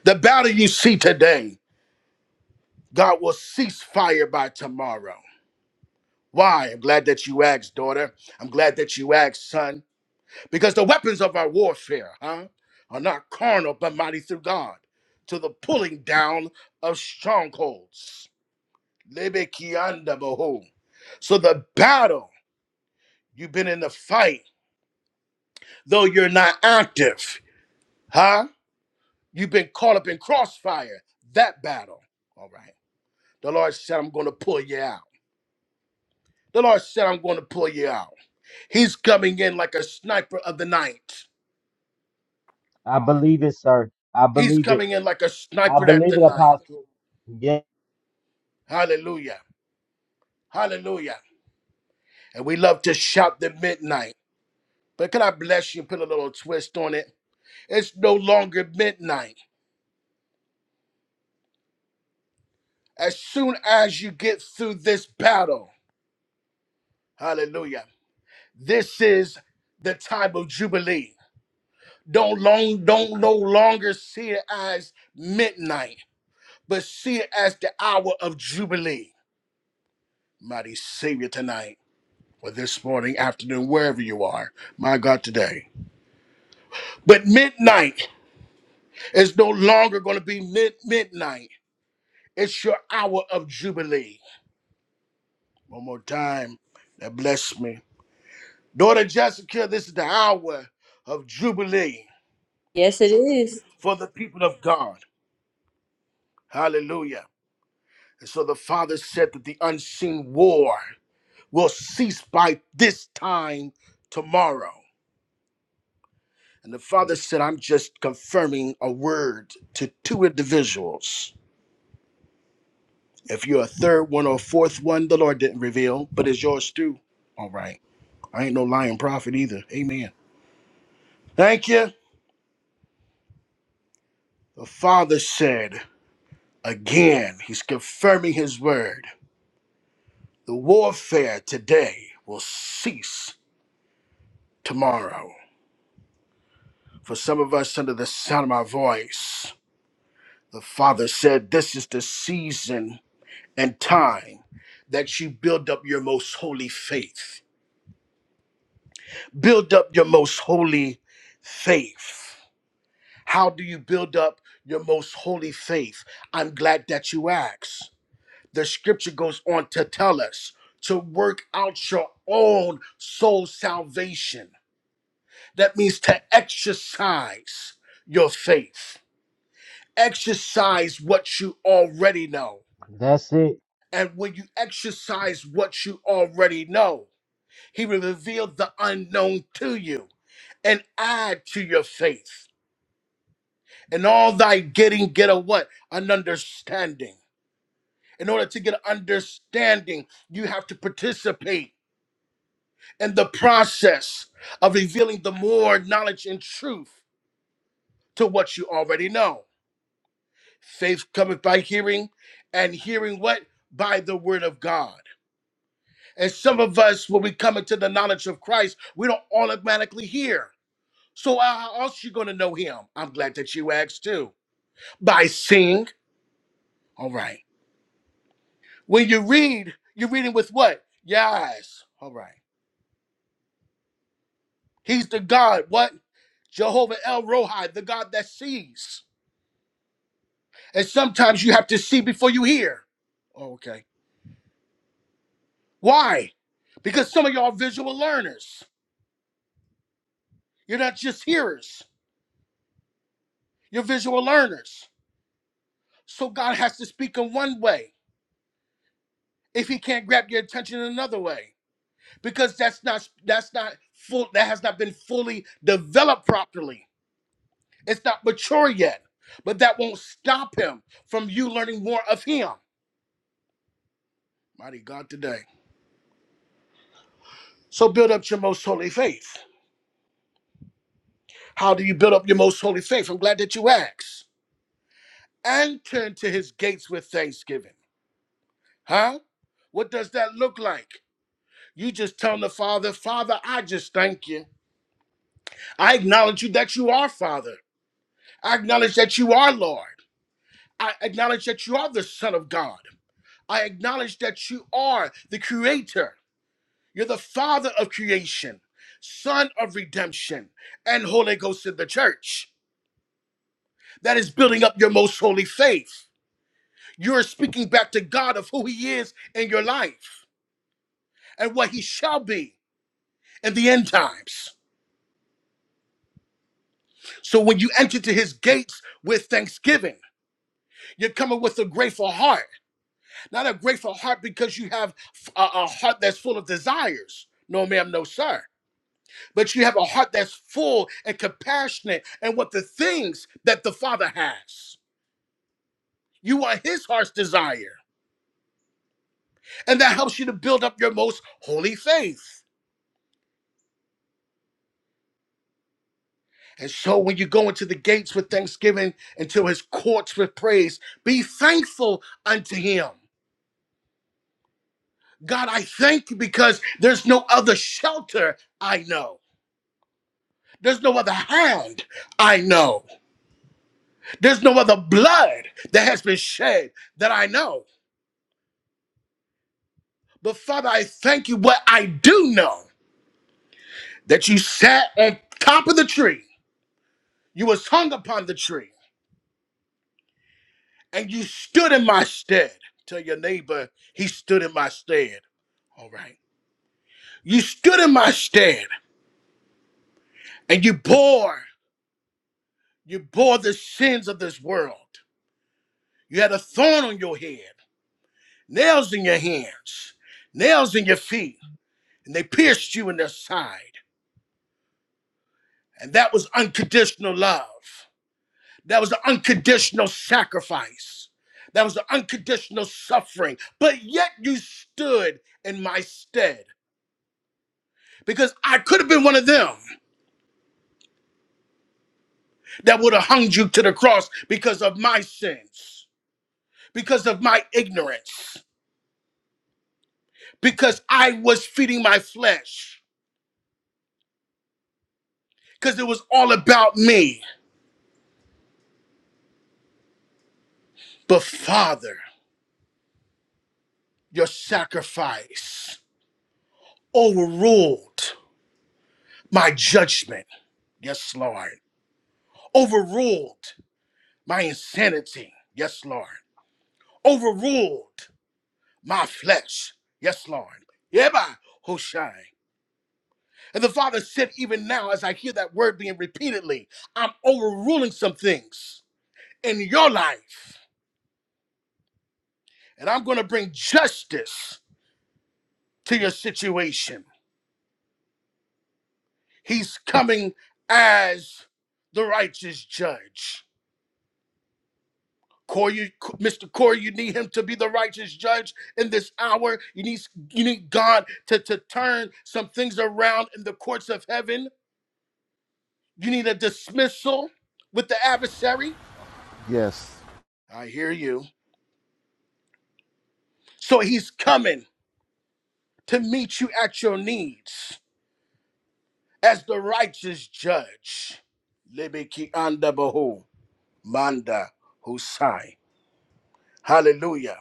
The battle you see today, God will cease fire by tomorrow. Why? I'm glad that you asked, daughter. I'm glad that you asked, son. Because the weapons of our warfare, huh, are not carnal but mighty through God to the pulling down of strongholds. Lebekianda behold. So the battle, you've been in the fight, though you're not active, huh? You've been caught up in crossfire. That battle. All right. The Lord said, I'm going to pull you out. The Lord said, I'm going to pull you out. He's coming in like a sniper of the night. I believe it, sir. I He's believe it. coming in like a I sniper at believe the it, night. Apostle. Yeah, Hallelujah. Hallelujah. and we love to shout the midnight. But can I bless you and put a little twist on it? It's no longer midnight. As soon as you get through this battle, hallelujah, this is the time of Jubilee. Don't long don't no longer see it as midnight, but see it as the hour of Jubilee. Mighty Savior tonight, or this morning, afternoon, wherever you are, my God today. But midnight is no longer gonna be mid midnight. It's your hour of jubilee. One more time. That bless me. Daughter Jessica, this is the hour of jubilee Yes it is. for the people of God. Hallelujah. And so the Father said that the unseen war will cease by this time tomorrow. And the Father said, I'm just confirming a word to two individuals. If you're a third one or a fourth one, the Lord didn't reveal, but it's yours too. All right. I ain't no lying prophet either. Amen. Thank you. The Father said, again, He's confirming His word. The warfare today will cease tomorrow. For some of us, under the sound of my voice, the Father said, This is the season and time that you build up your most holy faith. Build up your most holy faith. How do you build up your most holy faith? I'm glad that you asked the scripture goes on to tell us to work out your own soul salvation. That means to exercise your faith, exercise what you already know. that's it. And when you exercise what you already know, he will reveal the unknown to you and add to your faith. And all thy getting, get a what? An understanding. In order to get an understanding, you have to participate in the process of revealing the more knowledge and truth to what you already know. Faith cometh by hearing, and hearing what? By the word of God. And some of us, when we come into the knowledge of Christ, we don't automatically hear. So how how else you going to know him? I'm glad that you asked too. By seeing. All right. When you read, you're reading with what? Your eyes. All right. He's the God. What? Jehovah El Rohi, the God that sees. And sometimes you have to see before you hear. Oh, okay. Why? Because some of y'all are visual learners. You're not just hearers, you're visual learners. So God has to speak in one way if he can't grab your attention in another way. Because that's not that's not full that has not been fully developed properly. It's not mature yet. But that won't stop him from you learning more of him. Mighty God today. So build up your most holy faith. How do you build up your most holy faith? I'm glad that you asked. and turn to his gates with thanksgiving. Huh? What does that look like? You just tell the Father, Father, I just thank you. I acknowledge you that you are Father. I acknowledge that you are Lord. I acknowledge that you are the Son of God. I acknowledge that you are the Creator. You're the Father of creation, Son of redemption, and Holy Ghost in the church that is building up your most holy faith. You're speaking back to God of who He is in your life. and what he shall be in the end times. So when you enter to his gates with thanksgiving, you're coming with a grateful heart. Not a grateful heart because you have a, a heart that's full of desires. No, ma'am, no, sir. But you have a heart that's full and compassionate and what the things that the Father has. You are his heart's desire. And that helps you to build up your most holy faith. And so when you go into the gates with thanksgiving, into his courts with praise, be thankful unto him. God, I thank you because there's no other shelter I know. There's no other hand I know. There's no other blood that has been shed that I know. But Father, I thank you what I do know that you sat on top of the tree, you was hung upon the tree, and you stood in my stead. Tell your neighbor, he stood in my stead. All right. You stood in my stead and you bore, you bore the sins of this world. You had a thorn on your head, nails in your hands, nails in your feet, and they pierced you in their side. And that was unconditional love. That was the unconditional sacrifice. That was the unconditional suffering. But yet you stood in my stead because I could have been one of them that would have hung you to the cross because of my sins, because of my ignorance because I was feeding my flesh, because it was all about me. But Father, your sacrifice overruled my judgment. Yes, Lord. Overruled my insanity. Yes, Lord. Overruled my flesh. Yes, Lord. Yeba Hoshai. And the Father said, even now, as I hear that word being repeatedly, I'm overruling some things in your life. And I'm going to bring justice to your situation. He's coming as the righteous judge. Corey, Mr. Corey, you need him to be the righteous judge in this hour. You need you need God to, to turn some things around in the courts of heaven. You need a dismissal with the adversary. Yes. I hear you. So he's coming to meet you at your needs as the righteous judge. Lebeki anda bahu, manda husai. Hallelujah.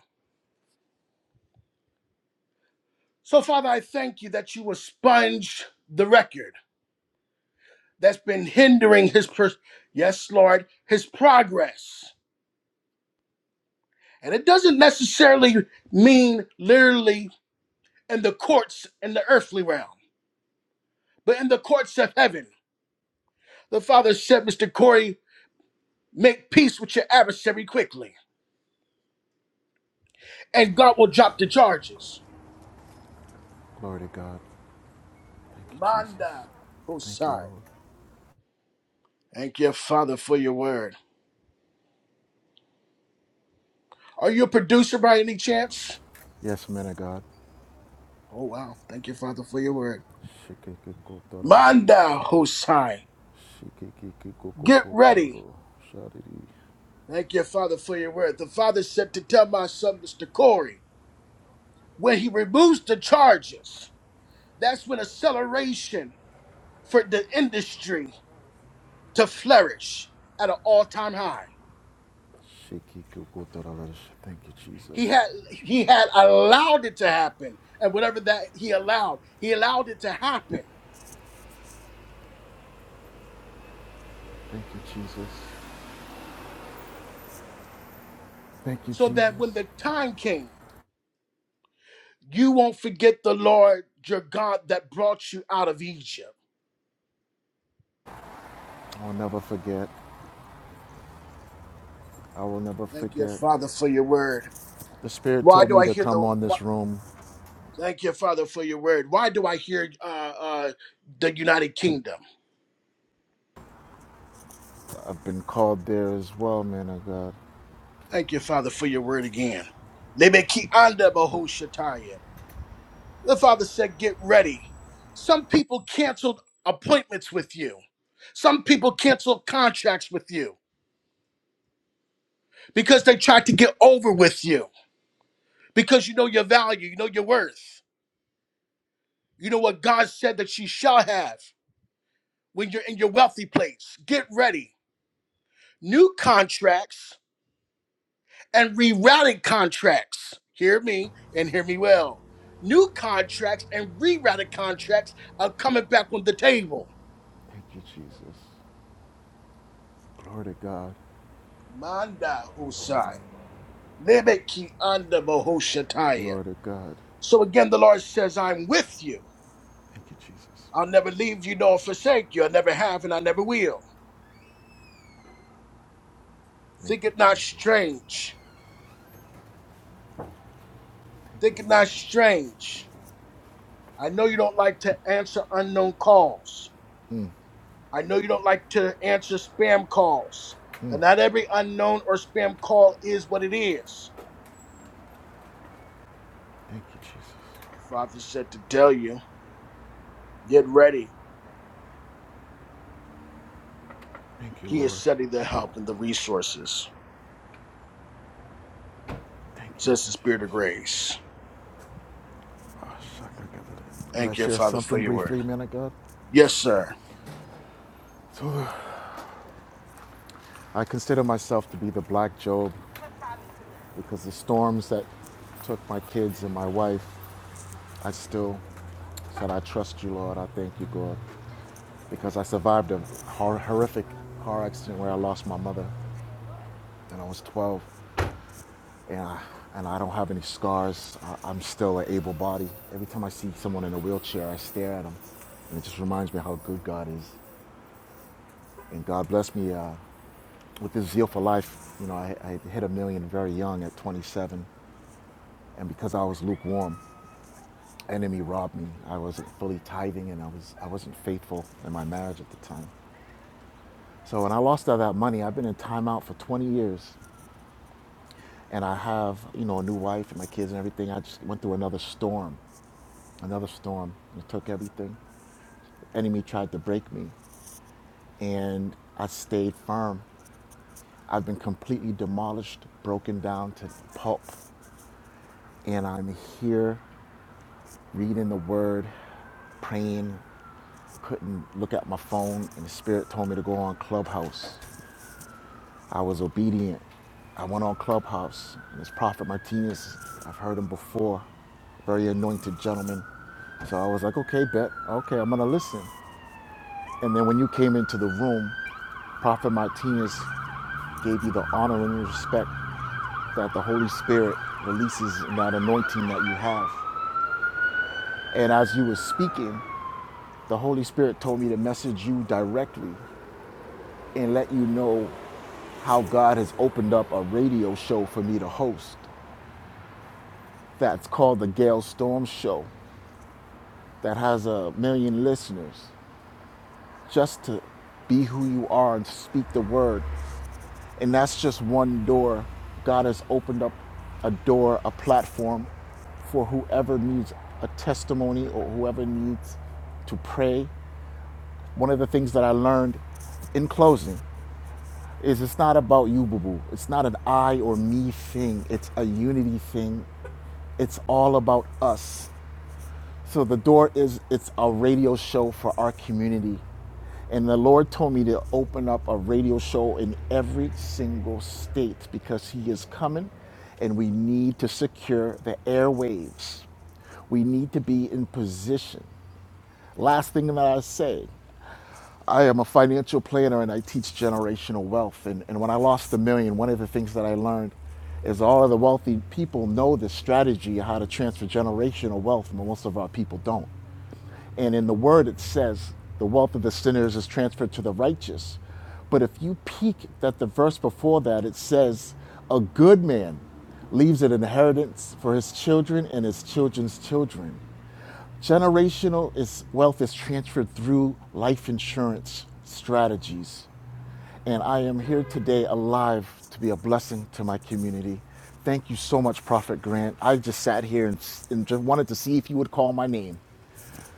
So, Father, I thank you that you will sponge the record that's been hindering his, pers- yes, Lord, his progress. And it doesn't necessarily mean literally in the courts in the earthly realm, but in the courts of heaven. The Father said, Mr. Corey, make peace with your adversary quickly, and God will drop the charges. Glory to God. Thank you, Jesus. Manda Thank you, Hosai. Lord. Thank you, Father, for your word. Are you a producer by any chance? Yes, man of God. Oh, wow. Thank you, Father, for your word. Manda Hosai. Get ready. Thank you, Father, for your word. The Father said to tell my son, Mr. Corey, when he removes the charges, that's when acceleration for the industry to flourish at an all-time high. Thank you, He Jesus. had he had allowed it to happen, and whatever that he allowed, he allowed it to happen Thank you, Jesus. Thank you, so that Jesus. when the time came, you won't forget the Lord your God that brought you out of Egypt. I will never forget. I will never Thank you, forget. Father, for your word. The Spirit Why told do me I to hear come the? on Why, this room. thank you, Father, for your word. Why do I hear uh, uh, the United Kingdom? I've been called there as well, man of God. Thank you, Father, for your word again. Lebeki anda bahushataya. The Father said, "Get ready." Some people canceled appointments with you. Some people canceled contracts with you because they tried to get over with you. Because you know your value, you know your worth, you know what God said that you shall have when you're in your wealthy place. Get ready. New contracts and rerouted contracts. Hear me and hear me well. New contracts and rerouted contracts are coming back on the table. Thank you, Jesus. Glory to God. Manda Husai. Lebeki anda bohoshataya. Glory to God. So again, the Lord says, I'm with you. Thank you, Jesus. I'll never leave you nor forsake you. I never have and I never will. Thank Think you, it not Jesus. strange. Think Thank it you, not strange. I know you don't like to answer unknown calls. Lord. Mm, I know you don't like to answer spam calls, but mm. not every unknown or spam call is what it is. Thank you, Jesus. The Father said to tell you, get ready. Thank you, He is Lord. sending the help and the resources, Thank you, says the Spirit of Jesus. Grace. Oh, shuck, I got it. Can I Thank you, share Father, for something your word. briefly, man of God? Yes, sir. So, I consider myself to be the black Job because the storms that took my kids and my wife, I still said, I trust you, Lord. I thank you, God, because I survived a hor- horrific car accident where I lost my mother and I was 12. and I, and I don't have any scars. I, I'm still an able body. Every time I see someone in a wheelchair, I stare at them, and it just reminds me how good God is. And God bless me uh, with this zeal for life. You know, I, I hit a million very young at 27, and because I was lukewarm, enemy robbed me. I wasn't fully tithing, and I was I wasn't faithful in my marriage at the time. So when I lost all that money, I've been in timeout for 20 years. and I have, you know, a new wife and my kids and everything. I just went through another storm, another storm, it took everything. The Enemy tried to break me, and I stayed firm. I've been completely demolished, broken down to pulp, and I'm here reading the word, praying. Couldn't look at my phone, and the Spirit told me to go on Clubhouse. I was obedient. I went on Clubhouse. And it's Prophet Martinez. I've heard him before. Very anointed gentleman. So I was like, okay, bet. Okay, I'm going to listen. And then when you came into the room, Prophet Martinez gave you the honor and respect that the Holy Spirit releases in that anointing that you have. And as you were speaking, the Holy Spirit told me to message you directly and let you know how God has opened up a radio show for me to host. that's called the Gale Storm Show that has a million listeners just to be who you are and speak the word. And that's just one door. God has opened up a door, a platform for whoever needs a testimony or whoever needs to pray. One of the things that I learned in closing is it's not about you, boo boo. It's not an I or me thing, it's a unity thing. It's all about us. So the door is it's a radio show for our community. And the Lord told me to open up a radio show in every single state because he is coming and we need to secure the airwaves. We need to be in position. Last thing that I say, I am a financial planner and I teach generational wealth. And, and when I lost a million, one of the things that I learned is all of the wealthy people know the strategy of how to transfer generational wealth, but most of our people don't. And in the word, it says, the wealth of the sinners is transferred to the righteous. But if you peek at the verse before that, it says, a good man leaves an inheritance for his children and his children's children. Generational is, wealth is transferred through life insurance strategies. And I am here today alive to be a blessing to my community. Thank you so much, Prophet Grant. I just sat here and, and just wanted to see if you would call my name.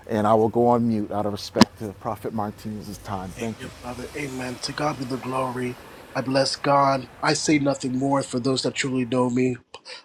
And I will go on mute out of respect to Prophet Martinez's time. Thank Thank you, you. Father. Amen. To God be the glory. I bless God. I say nothing more for those that truly know me.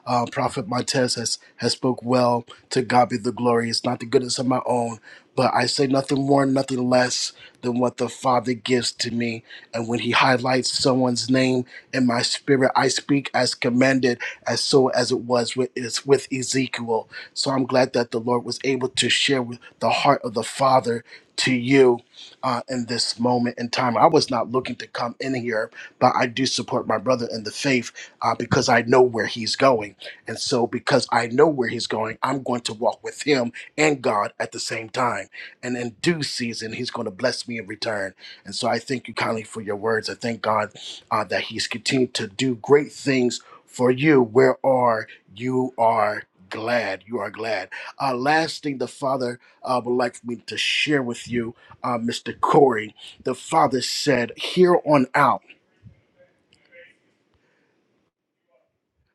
Uh, Prophet Montez has, has spoke well. To God be the glory. It's not the goodness of my own, but I say nothing more, nothing less than what the Father gives to me. And when He highlights someone's name in my spirit, I speak as commanded, as so as it was with, is with Ezekiel. So I'm glad that the Lord was able to share with the heart of the Father to you uh, in this moment in time. I was not looking to come in here, but I do support my brother in the faith uh, because I know where he's going. And so, because I know where he's going, I'm going to walk with him and God at the same time. And in due season, he's going to bless me in return. And so, I thank you kindly for your words. I thank God uh, that he's continued to do great things for you. Where are you are glad you are glad uh last thing the father uh would like for me to share with you uh, Mr. Corey, the father said, here on out,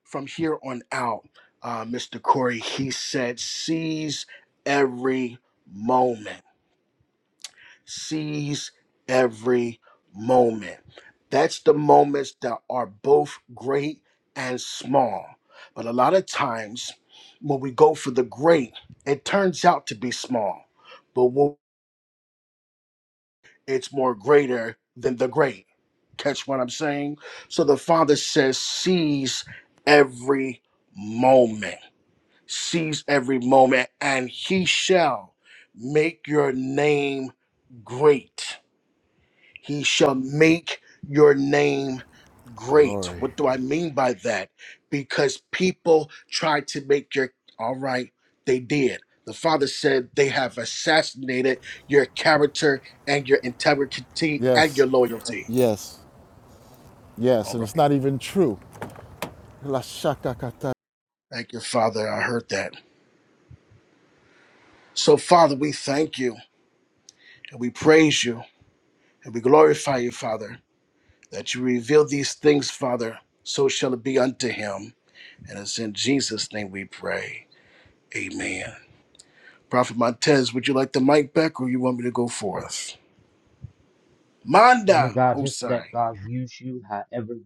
from here on out, uh, Mr. Corey, he said, seize every moment. Seize every moment. That's the moments that are both great and small. But a lot of times when we go for the great, it turns out to be small. But when it's more greater than the great. Catch what I'm saying? So the Father says, seize every moment, seize every moment, and he shall make your name great. He shall make your name great. Glory. What do I mean by that? Because people tried to make your all right, they did. The father said they have assassinated your character and your integrity and your Yes. loyalty. Yes. Yes. All And right. it's not even true. La shaka kata. Thank you, Father. I heard that. So, Father, we thank you and we praise you and we glorify you, Father, that you reveal these things, Father. So shall it be unto him. And it's in Jesus' name we pray. Amen. Prophet Montez, would you like the mic back or you want me to go forth? And Manda God, just let Hosai. God use you however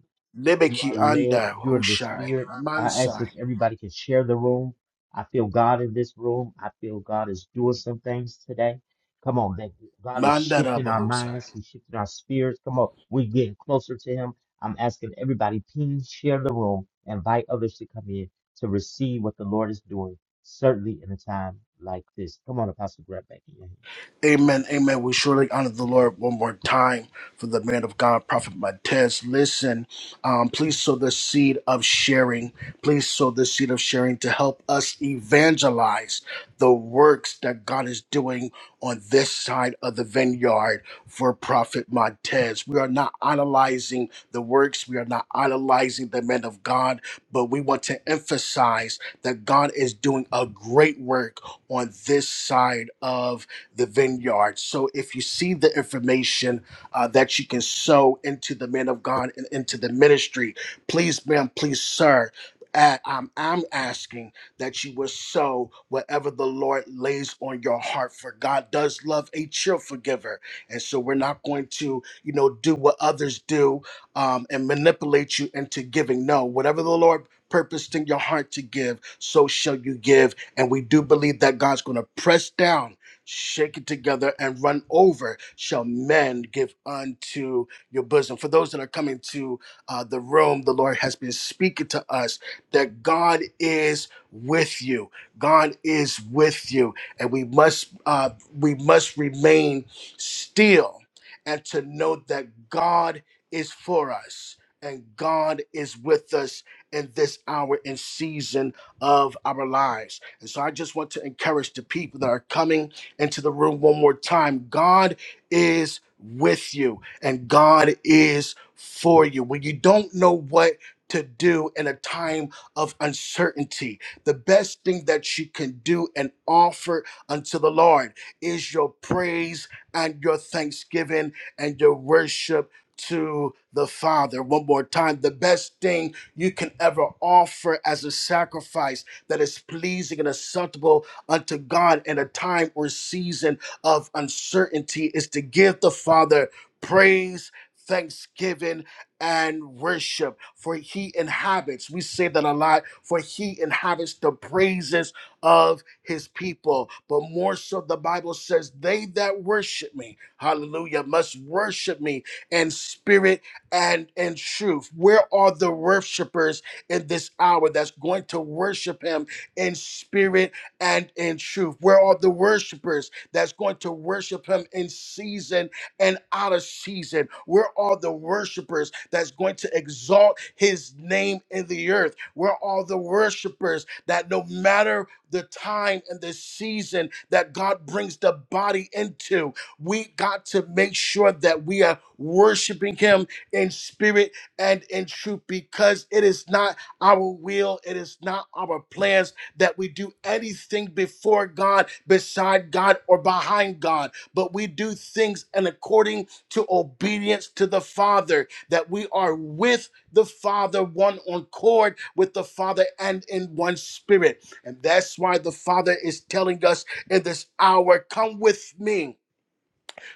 You are Lebeki led. Anda You are the Hoshai. spirit. I ask Mansai. if everybody can share the room. I feel God in this room. I feel God is doing some things today. Come on, that God is Manda shifting Rabba our Hosai. minds. He's shifting our spirits. Come on, we're getting closer to Him. I'm asking everybody, please share the room. Invite others to come in to receive what the Lord is doing, certainly in a time like this. Come on, Apostle, grab back in your hand. Amen, amen. We surely honor the Lord one more time for the man of God, Prophet Matez. Listen, um, please sow the seed of sharing. Please sow the seed of sharing to help us evangelize the works that God is doing on this side of the vineyard for Prophet Montez. We are not idolizing the works, we are not idolizing the man of God, but we want to emphasize that God is doing a great work on this side of the vineyard. So if you see the information uh, that you can sow into the men of God and into the ministry, please, ma'am, please, sir. uh, I'm, I'm asking that you will sow whatever the Lord lays on your heart, for God does love a cheerful giver. And so we're not going to, you know, do what others do um, and manipulate you into giving. No, whatever the Lord purposed in your heart to give, so shall you give. And we do believe that God's going to press down shaken together and run over shall men give unto your bosom. For those that are coming to uh, the room, the Lord has been speaking to us that God is with you. God is with you, and we must uh, we must remain still and to know that God is for us. And God is with us in this hour and season of our lives. And so I just want to encourage the people that are coming into the room one more time. God is with you and God is for you. When you don't know what to do in a time of uncertainty, the best thing that you can do and offer unto the Lord is your praise and your thanksgiving and your worship to the Father. One more time, the best thing you can ever offer as a sacrifice that is pleasing and acceptable unto God in a time or season of uncertainty is to give the Father praise, thanksgiving, and worship. For he inhabits, we say that a lot, for he inhabits the praises of his people. But more so, the Bible says, they that worship me, hallelujah, must worship me in spirit and in truth. Where are the worshipers in this hour that's going to worship him in spirit? and in truth. Where are the worshipers that's going to worship him in season and out of season? Where are the worshipers that's going to exalt his name in the earth? Where are the worshipers that no matter the time and the season that God brings the body into, we got to make sure that we are worshiping him in spirit and in truth because it is not our will, it is not our plans that we do anything before God, beside God, or behind God, but we do things and according to obedience to the Father, that we are with the Father, one on cord with the Father and in one spirit. And that's why the Father is telling us in this hour, Come with me.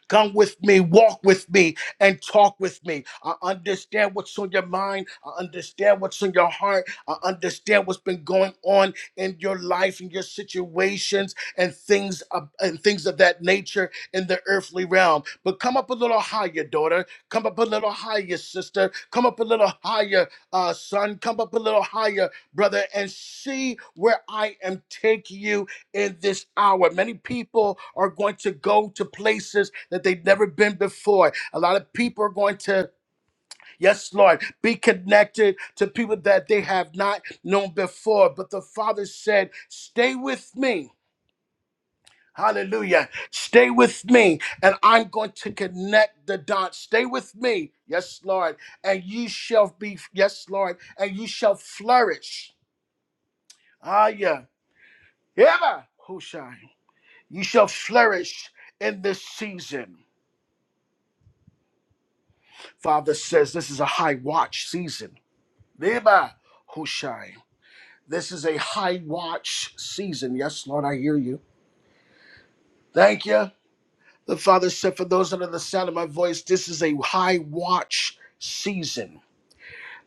Come with me, walk with me, and talk with me. I understand what's on your mind. I understand what's on your heart. I understand what's been going on in your life and your situations and things of, and things of that nature in the earthly realm. But come up a little higher, daughter. Come up a little higher, sister. Come up a little higher, uh, son. Come up a little higher, brother, and see where I am taking you in this hour. Many people are going to go to places that they've never been before. A lot of people are going to, yes, Lord, be connected to people that they have not known before. But the Father said, Stay with me. Hallelujah. Stay with me, and I'm going to connect the dots. Stay with me, yes, Lord, and you shall be, yes, Lord, and you shall flourish. Ah, yeah. Yeah, Hushai. You shall flourish in this season. Father says this is a high watch season. Neba Hushai. This is a high watch season. Yes, Lord, I hear you. Thank you. The Father said, For those under the sound of my voice, this is a high watch season.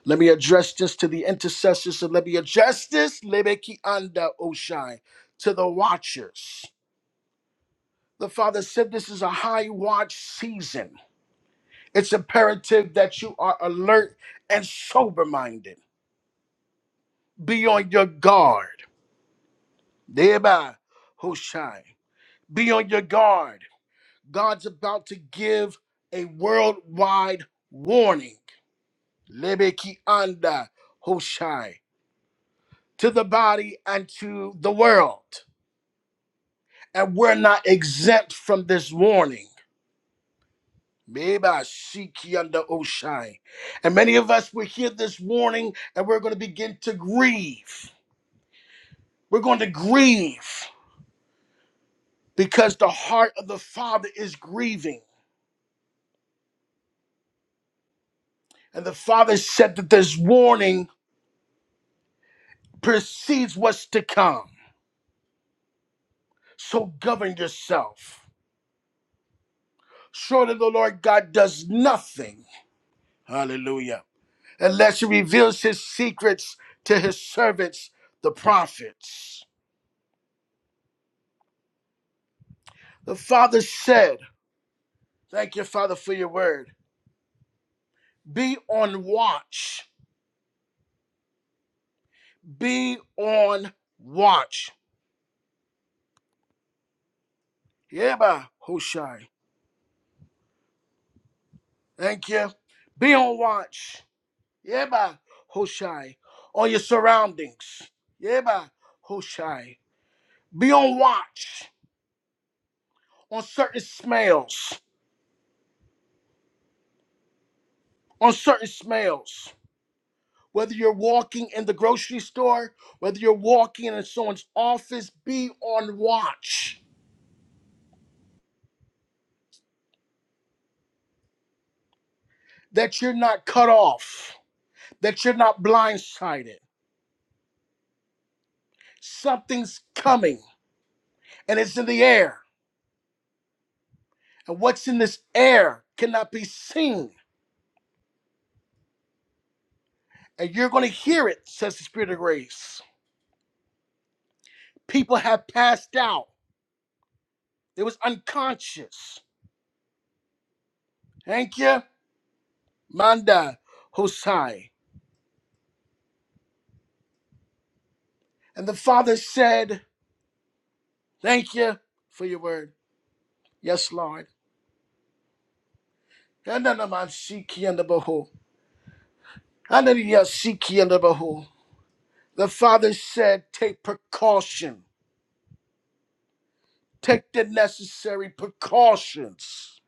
Let me address this to the intercessors and let me address this, Lebeki Anda Oshai, to the watchers. The Father said, This is a high watch season. It's imperative that you are alert and sober minded. Be on your guard. Thereby, Hoshai. Be on your guard. God's about to give a worldwide warning. Lebeki anda Hoshai. To the body and to the world. And we're not exempt from this warning. Meba Siki under Oshai. And many of us will hear this warning and we're going to begin to grieve. We're going to grieve because the heart of the Father is grieving. And the Father said that this warning precedes what's to come. So govern yourself. Surely the Lord God does nothing, hallelujah, unless he reveals his secrets to his servants, the prophets. The Father said, Thank you, Father, for your word. Be on watch. Be on watch. Yeah, Hoshai. Thank you. Be on watch. Yeah, by Hoshai. On your surroundings. Yeah, by Hoshai. Be on watch on certain smells. On certain smells. Whether you're walking in the grocery store, whether you're walking in someone's office, be on watch that you're not cut off, that you're not blindsided. Something's coming and it's in the air. And what's in this air cannot be seen and you're going to hear it, says the Spirit of grace. People have passed out. It was unconscious. Thank you, Manda Hosai. And the Father said, Thank you for your word. Yes, Lord. Ananamashikiandabaho. Ananiyashikiandabaho. The Father said, Take precaution. Take the necessary precautions.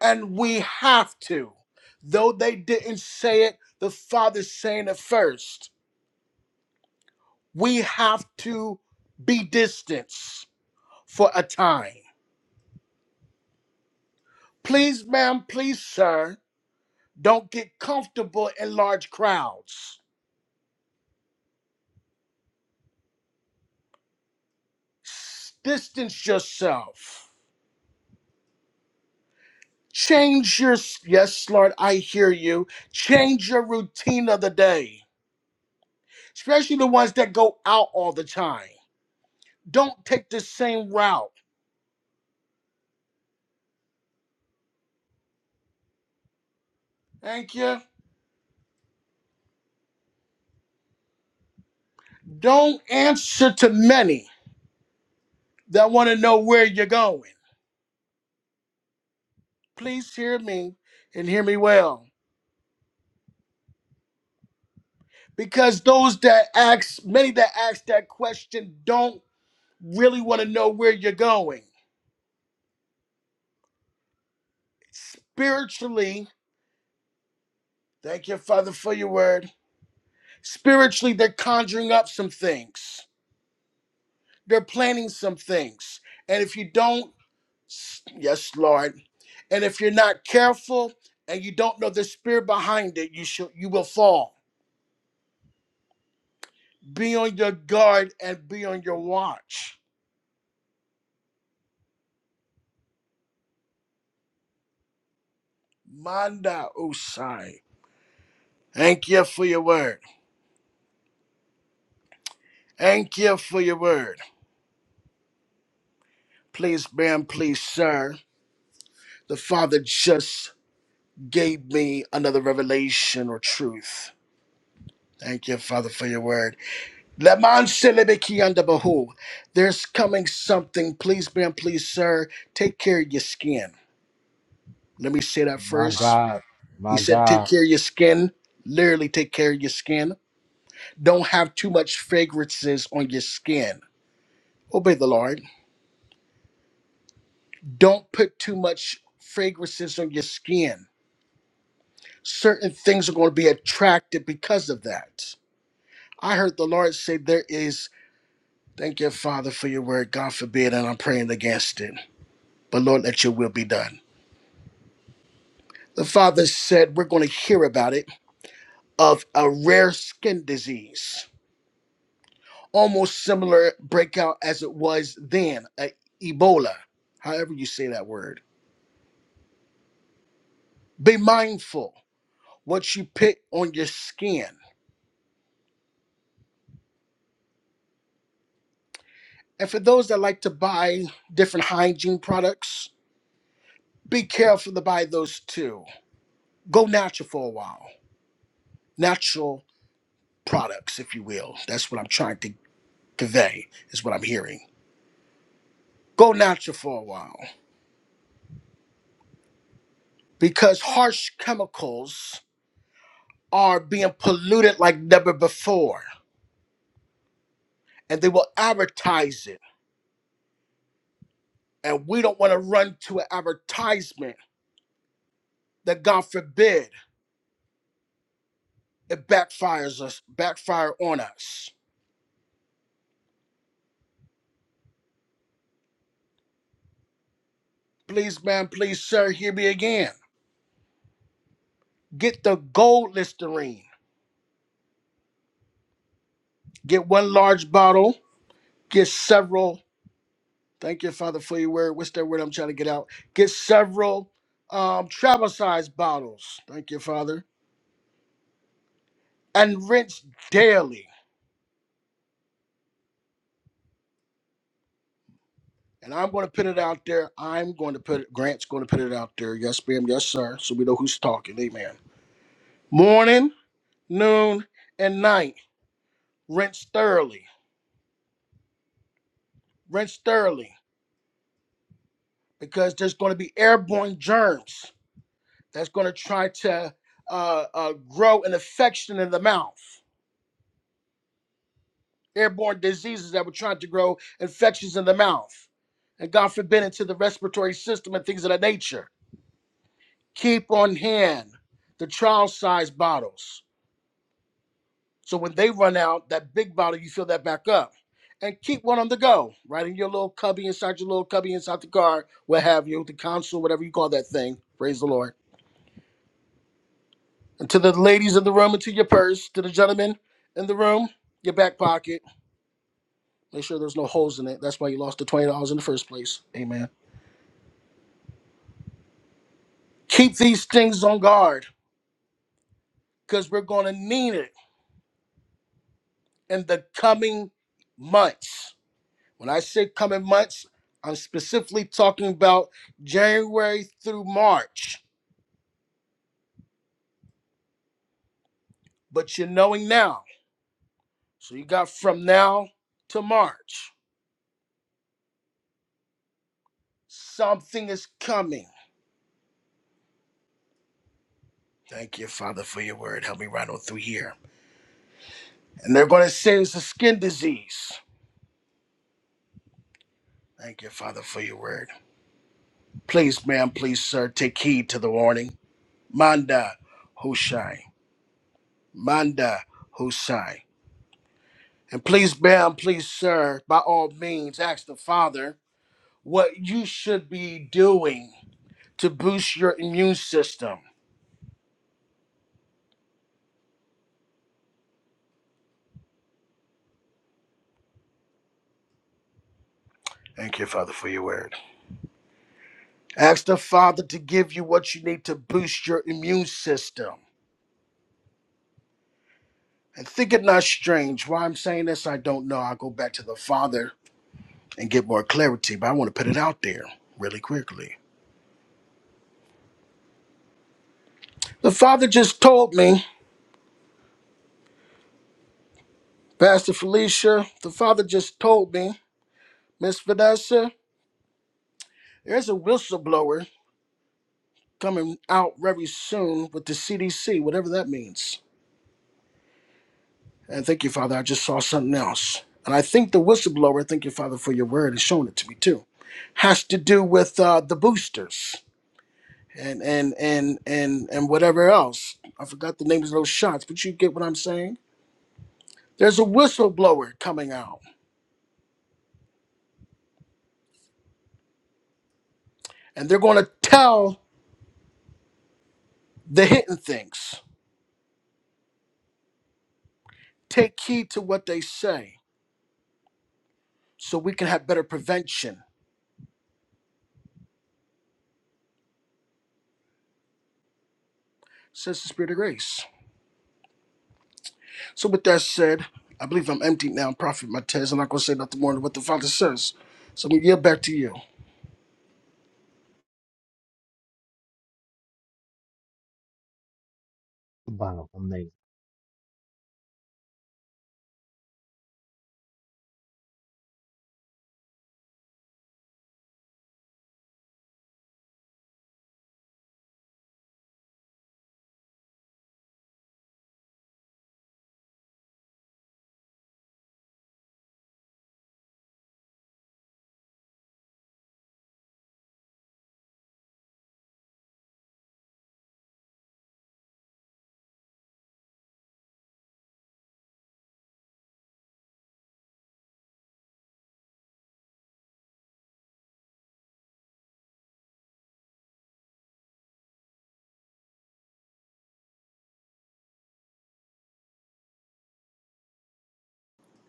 And we have to. Though they didn't say it, the Father's saying it first we have to be distanced for a time. Please, ma'am, please, sir, don't get comfortable in large crowds. S- Distance yourself. Change your, yes, Lord, I hear you. Change your routine of the day, especially the ones that go out all the time. Don't take the same route. Thank you. Don't answer to many that want to know where you're going. Please hear me and hear me well. because those that ask many that ask that question don't really want to know where you're going spiritually thank you father for your word spiritually they're conjuring up some things they're planning some things and if you don't yes lord and if you're not careful and you don't know the spirit behind it you shall you will fall be on your guard and be on your watch manda usai thank you for your word Thank you for your word. Please, ma'am, please, sir. The Father just gave me another revelation or truth. Thank you, Father, for your word. Leman selebeki under behu. There's coming something. Please, ma'am, please, sir. Take care of your skin. Let me say that My first. God, He my said, take God. care of your skin. Literally, take care of your skin. Don't have too much fragrances on your skin. Obey the Lord. Don't put too much fragrances on your skin certain things are going to be attracted because of that. I heard the Lord say, There is, thank you, Father, for your word. God forbid, and I'm praying against it. But Lord, let your will be done. The Father said, We're going to hear about it of a rare skin disease, almost similar breakout as it was then, a Ebola, however you say that word. Be mindful what you put on your skin. And for those that like to buy different hygiene products, Be careful to buy those too. Go natural for a while. Natural products, if you will. That's what I'm trying to convey, is what I'm hearing. Go natural for a while because harsh chemicals are being polluted like never before, and they will advertise it. And we don't want to run to an advertisement that, God forbid, it backfires us, backfire on us. Please, ma'am, please, sir, hear me again. Get the gold Listerine. Get one large bottle get several. Thank you, Father, for your word. What's that word I'm trying to get out? Get several um, travel size bottles. Thank you, Father. And rinse daily. And I'm going to put it out there. I'm going to put it, Grant's going to put it out there. Yes, ma'am. Yes, sir. So we know who's talking. Amen. Morning, noon, and night. Rinse thoroughly. Rinse thoroughly because there's going to be airborne germs that's going to try to uh, uh, grow an infection in the mouth. airborne diseases that were trying to grow, infections in the mouth, and God forbid into the respiratory system and things of that nature. Keep on hand the trial size bottles. So when they run out, that big bottle, you fill that back up. And keep one on the go, right in your little cubby, inside your little cubby, inside the car, what have you, the console, whatever you call that thing. Praise the Lord. And to the ladies in the room, and to your purse, to the gentlemen in the room, your back pocket. Make sure there's no holes in it. That's why you lost the $20 in the first place. Amen. Keep these things on guard because we're going to need it in the coming months. When I say coming months, I'm specifically talking about January through March, but you're knowing now. So you got from now to March. Something is coming. Thank you, Father, for your word. Help me right on through here. And they're going to say it's a skin disease. Thank you, Father, for your word. Please, ma'am, please, sir, take heed to the warning. Manda Hushai. Manda Hosai. And please, ma'am, please, sir, by all means, ask the Father what you should be doing to boost your immune system. Thank you, Father, for your word. Ask the Father to give you what you need to boost your immune system. And think it not strange. Why I'm saying this, I don't know. I'll go back to the Father and get more clarity, but I want to put it out there really quickly. The Father just told me, Pastor Felicia, the Father just told me, Miss Vanessa, There's a whistleblower coming out very soon with the CDC, whatever that means. And thank you, Father. I just saw something else. And I think the whistleblower, thank you, Father, for your word and showing it to me too, has to do with uh, the boosters and and and and and whatever else. I forgot the names of those shots, but you get what I'm saying. There's a whistleblower coming out, and they're going to tell the hidden things. Take heed to what they say, so we can have better prevention. Says the Spirit of Grace. So, with that said, I believe I'm empty now, Prophet Matez. I'm not going to say nothing more than what the Father says. So, I'm going to yield back to you. Wow, amazing.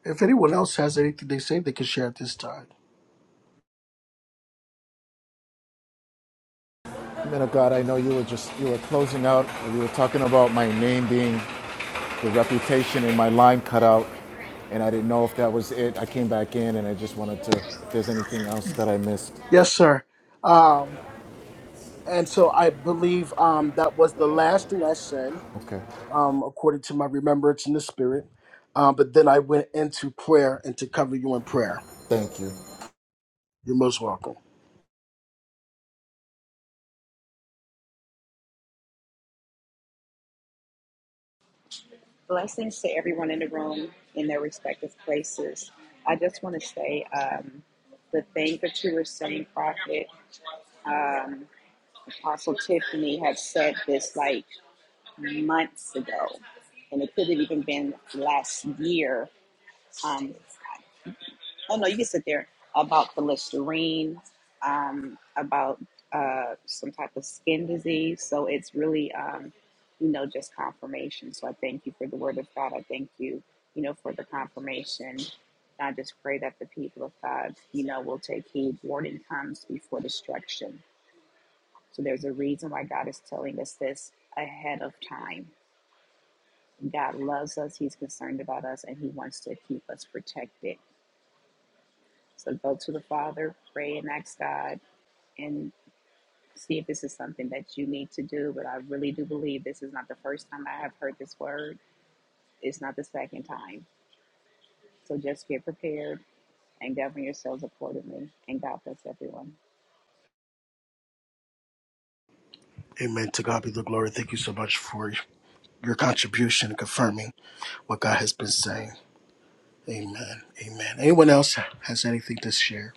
If anyone else has anything they say, they can share at this time. Man of God, I know you were just you were closing out. You were talking about my name being the reputation and my line cut out. And I didn't know if that was it. I came back in and I just wanted to if there's anything else that I missed. Yes, sir. Um, and so, I believe um, that was the last thing I said, Okay. um, according to my remembrance in the Spirit. Um, but then I went into prayer and to cover you in prayer. Thank you. You're most welcome. Blessings to everyone in the room in their respective places. I just want to say um, the thing that you were saying, Prophet, um, Apostle Tiffany had said this like months ago, and it could have even been last year. Um, Oh no, you can sit there about the Listerine, um, about uh, some type of skin disease. So it's really, um, you know, just confirmation. So I thank you for the word of God. I thank you, you know, for the confirmation. And I just pray that the people of God, you know, will take heed. Warning comes before destruction. So there's a reason why God is telling us this ahead of time. God loves us. He's concerned about us, and He wants to keep us protected. So go to the Father, pray and ask God, and see if this is something that you need to do. But I really do believe this is not the first time I have heard this word, it's not the second time. So just get prepared and govern yourselves accordingly. And God bless everyone. Amen. To God be the glory. Thank you so much for your contribution and confirming what God has been saying. Amen. Amen. Anyone else has anything to share?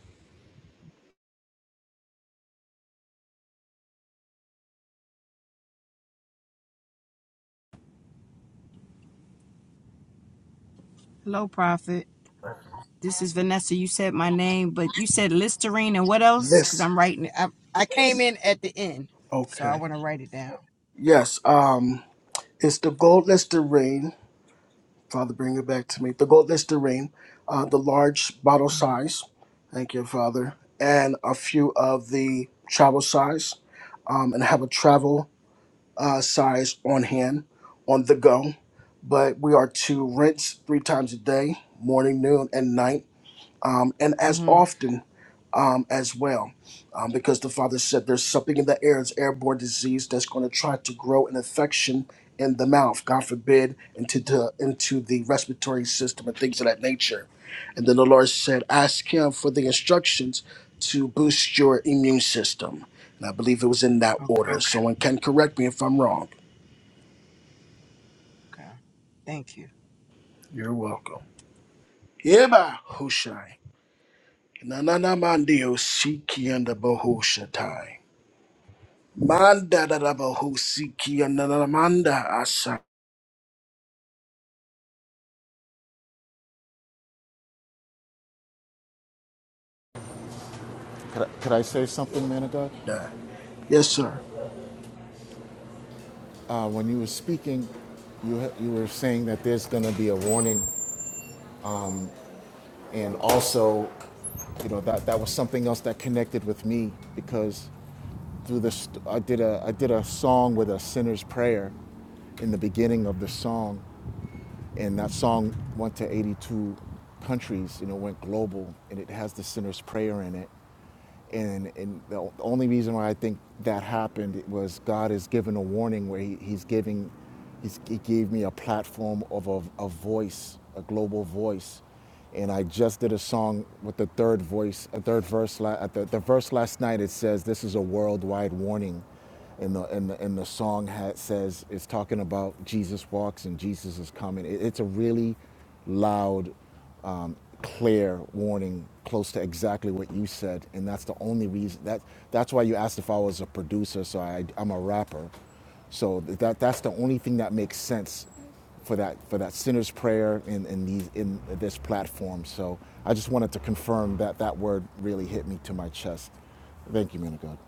Hello, Prophet. This is Vanessa. You said my name, but you said Listerine and what else? Because This. I'm writing. it- I, I came in at the end, so I Okay. want to write it down. Yes. Um. It's the gold Listerine. Father, bring it back to me. The gold Listerine, uh, the large bottle Mm-hmm. size. Thank you, Father. And a few of the travel size, um, and have a travel uh, size on hand, on the go. But we are to rinse three times a day, morning, noon, and night um, and as Mm-hmm. often um, as well, um, because the father said there's something in the air, it's airborne disease that's going to try to grow an infection in the mouth, God forbid, into the into the respiratory system and things of that nature. And then the Lord said, ask Him for the instructions to boost your immune system. And I believe it was in that Okay. order. Okay. Someone can correct me if I'm wrong. Okay. Thank you. You're welcome. Yeba Hushai. Nanana Mandio Siki and the Manda da da ba ho siki and da da da manda asanda. Could I, could I say something, man of God? Yes, sir. Uh, when you were speaking, you, ha- you were saying that there's going to be a warning And also, you know, that, that was something else that connected with me because through this, I did a, I did a song with a sinner's prayer in the beginning of the song. And that song went to 82 countries, you know, went global and it has the sinner's prayer in it. And, and the only reason why I think that happened was God has given a warning where he, He's giving, he's, He gave me a platform of a, a voice, a global voice. And I just did a song with the third voice, a third verse, la- at the, the verse last night. It says, This is a worldwide warning and the and the, and the song ha says it's talking about Jesus walks and Jesus is coming. It, it's a really loud, um, clear warning, close to exactly what you said, and that's the only reason that that's why you asked if I was a producer. So I, I'm a rapper, so that that's the only thing that makes sense for that for that sinner's prayer in in these in this platform. So I just wanted to confirm that that word really hit me to my chest. Thank you, man of God.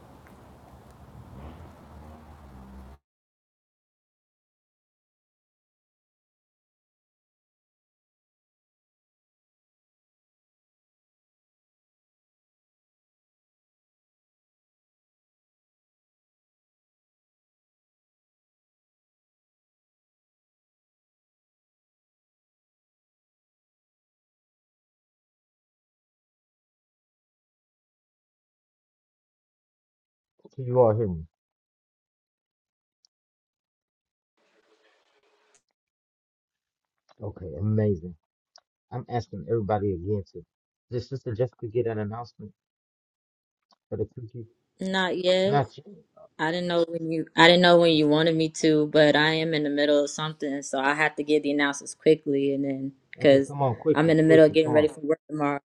Can you all hear me? Okay, amazing. I'm asking everybody again to did Sister Jessica get an announcement for the cookie? Not yet. Not yet. I didn't know when you I didn't know when you wanted me to, but I am in the middle of something, so I have to give the announcements quickly and then Okay, because come on, I'm quickly, in the middle of quickly, getting come on, ready for work tomorrow.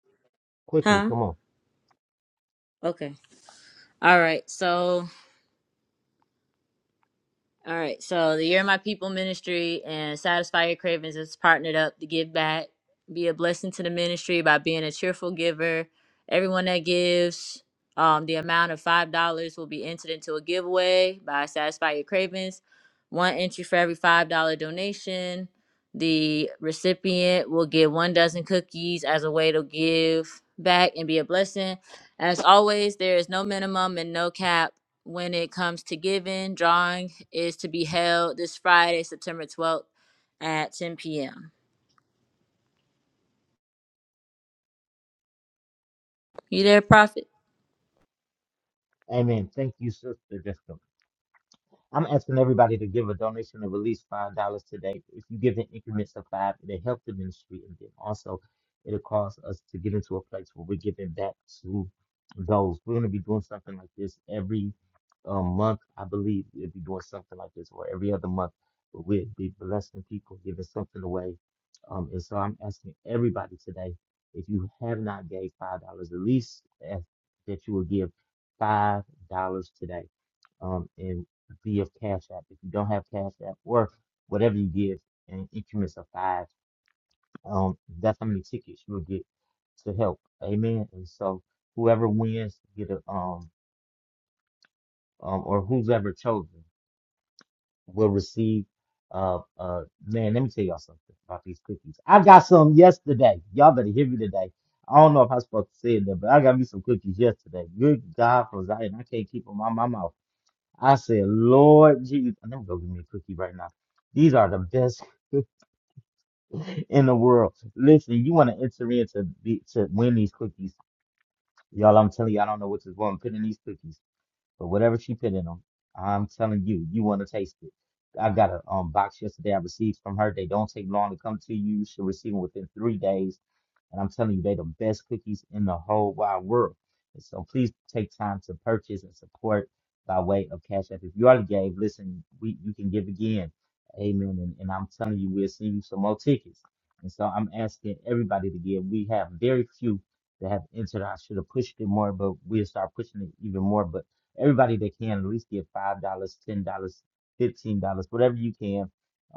quickly, Huh? come on. Okay. All right. So All right. So the Year of My People Ministry and Satisfy Your Cravings is partnered up to give back, be a blessing to the ministry by being a cheerful giver. Everyone that gives, um, the amount of five dollars will be entered into a giveaway by Satisfy Your Cravings. One entry for every five dollar donation. The recipient will get one dozen cookies as a way to give back and be a blessing. As always, there is no minimum and no cap when it comes to giving, drawing is to be held this Friday, September 12th at 10 p.m. You there, Prophet? Amen. Thank you, Sister Jessica. I'm asking everybody to give a donation of at least five dollars today. If you give in increments of five, it'll help the ministry, and then also it'll cause us to get into a place where we're giving back to those. We're going to be doing something like this every um, month, I believe. We'll be doing something like this, or every other month, but we'll be blessing people, giving something away. Um, and so I'm asking everybody today, if you have not gave five dollars, at least ask that you will give five dollars today. Um, and through your Cash App. If you don't have Cash App or whatever you give in increments of five, um, that's how many tickets you'll get to help. Amen. And so whoever wins get a um um or who's ever chosen will receive uh uh man, let me tell y'all something about these cookies. I got some yesterday. Y'all better hear me today. I don't know if I'm supposed to say it there, but I got me some cookies yesterday. Good God from Zion. I can't keep them on my mouth. I said, Lord Jesus, I'm gonna go give me a cookie right now. These are the best in the world. Listen, you want to enter into the, to win these cookies, y'all. I'm telling you, I don't know what this woman put in these cookies. But whatever she put in them, I'm telling you, you want to taste it. I got a um, box yesterday I received from her. They don't take long to come to you. You should receive them within three days. And I'm telling you, they the best cookies in the whole wide world. And so please take time to purchase and support by way of Cash App. If you already gave, listen, we you can give again. Amen. And, and I'm telling you, we'll send you some more tickets. And so I'm asking everybody to give. We have very few that have entered. I should have pushed it more, but we'll start pushing it even more. But everybody that can at least give five dollars, ten dollars, fifteen dollars, whatever you can,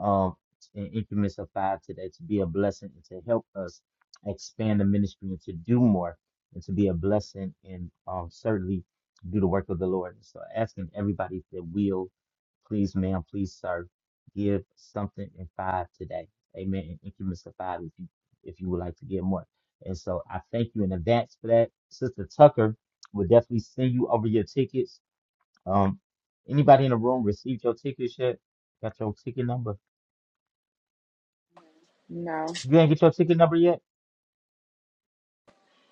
um, in increments of five today to be a blessing and to help us expand the ministry and to do more and to be a blessing and um, certainly do the work of the Lord. So asking everybody that will, please, ma'am, please, sir, give something in five today. Amen. In increments of five, if you if you would like to give more. And so I thank you in advance for that, Sister Tucker will definitely send you over your tickets um, anybody in the room received your tickets yet? Got your ticket number? No. You ain't get your ticket number yet?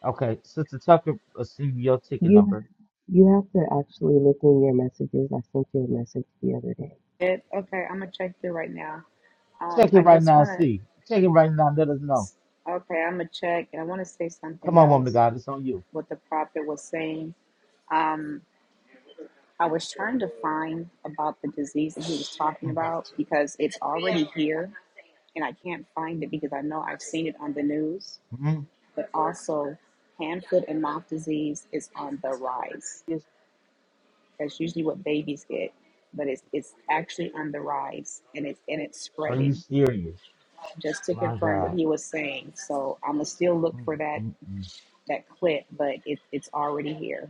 Okay, Sister Tucker, receive your ticket You number. you have to actually look in your messages. I sent you a message the other day. It, okay, I'm going to check through right now. Um, Check it I right just now and want to, see. Check it right now and let us know. okay, I'm going to check and I want to say Come something on, woman of else God, it's on you. what the prophet was saying. Um. I was trying to find about the disease that he was talking Mhm. about because it's already here and I can't find it because I know I've seen it on the news. Mhm. But also, hand, foot, and mouth disease is on the rise. Yes. That's usually what babies get, but it's it's actually on the rise and it's and it's Are you spreading. serious? Just to My confirm what God. he was saying, so I'm gonna still look Mm, for that mm, mm. that clip, but it, it's already here.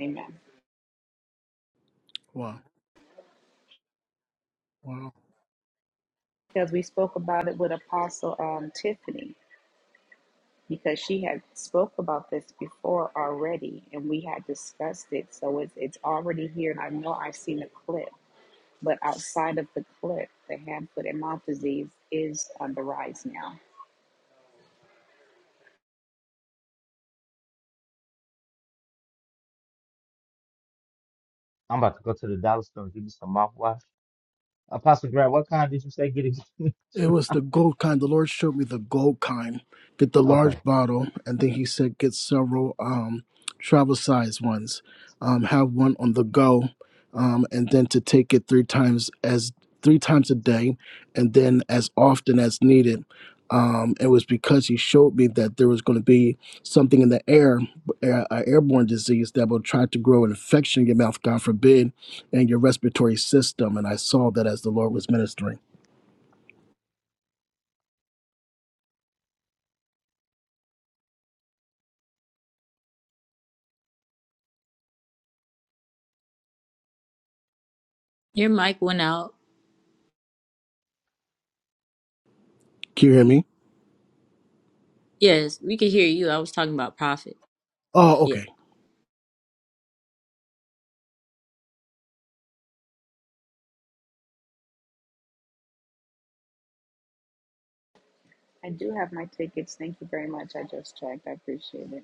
Amen. Wow. Wow. Because we spoke about it with Apostle um, Tiffany because she had spoke about this before already and we had discussed it so it's, it's already here and i know i've seen a clip but outside of the clip the hand foot and mouth disease is on the rise now I'm about to go to the dollar store and give me some mouthwash. Apostle Grant, what kind did you say get it? It was the gold kind. The Lord showed me the gold kind. Get the okay. large bottle, and then He said, get several um, travel size ones. Um, have one on the go, um, and then to take it three times as three times a day, and then as often as needed. Um, it was because He showed me that there was going to be something in the air, a a airborne disease that will try to grow an infection in your mouth, God forbid, and your respiratory system. And I saw that as the Lord was ministering. Your mic went out. Can you hear me? Yes, we could hear you. I was talking about Prophet. Oh, Yeah. okay. i do have my tickets thank you very much i just checked i appreciate it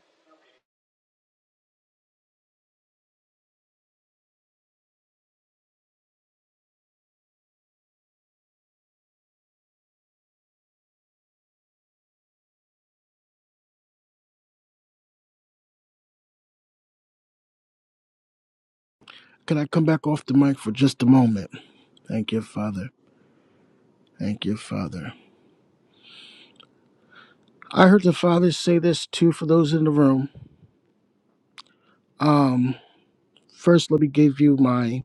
Can I come back off the mic for just a moment? Thank you, Father. Thank you, Father. I heard the Father say this too for those in the room. Um, first, let me give you my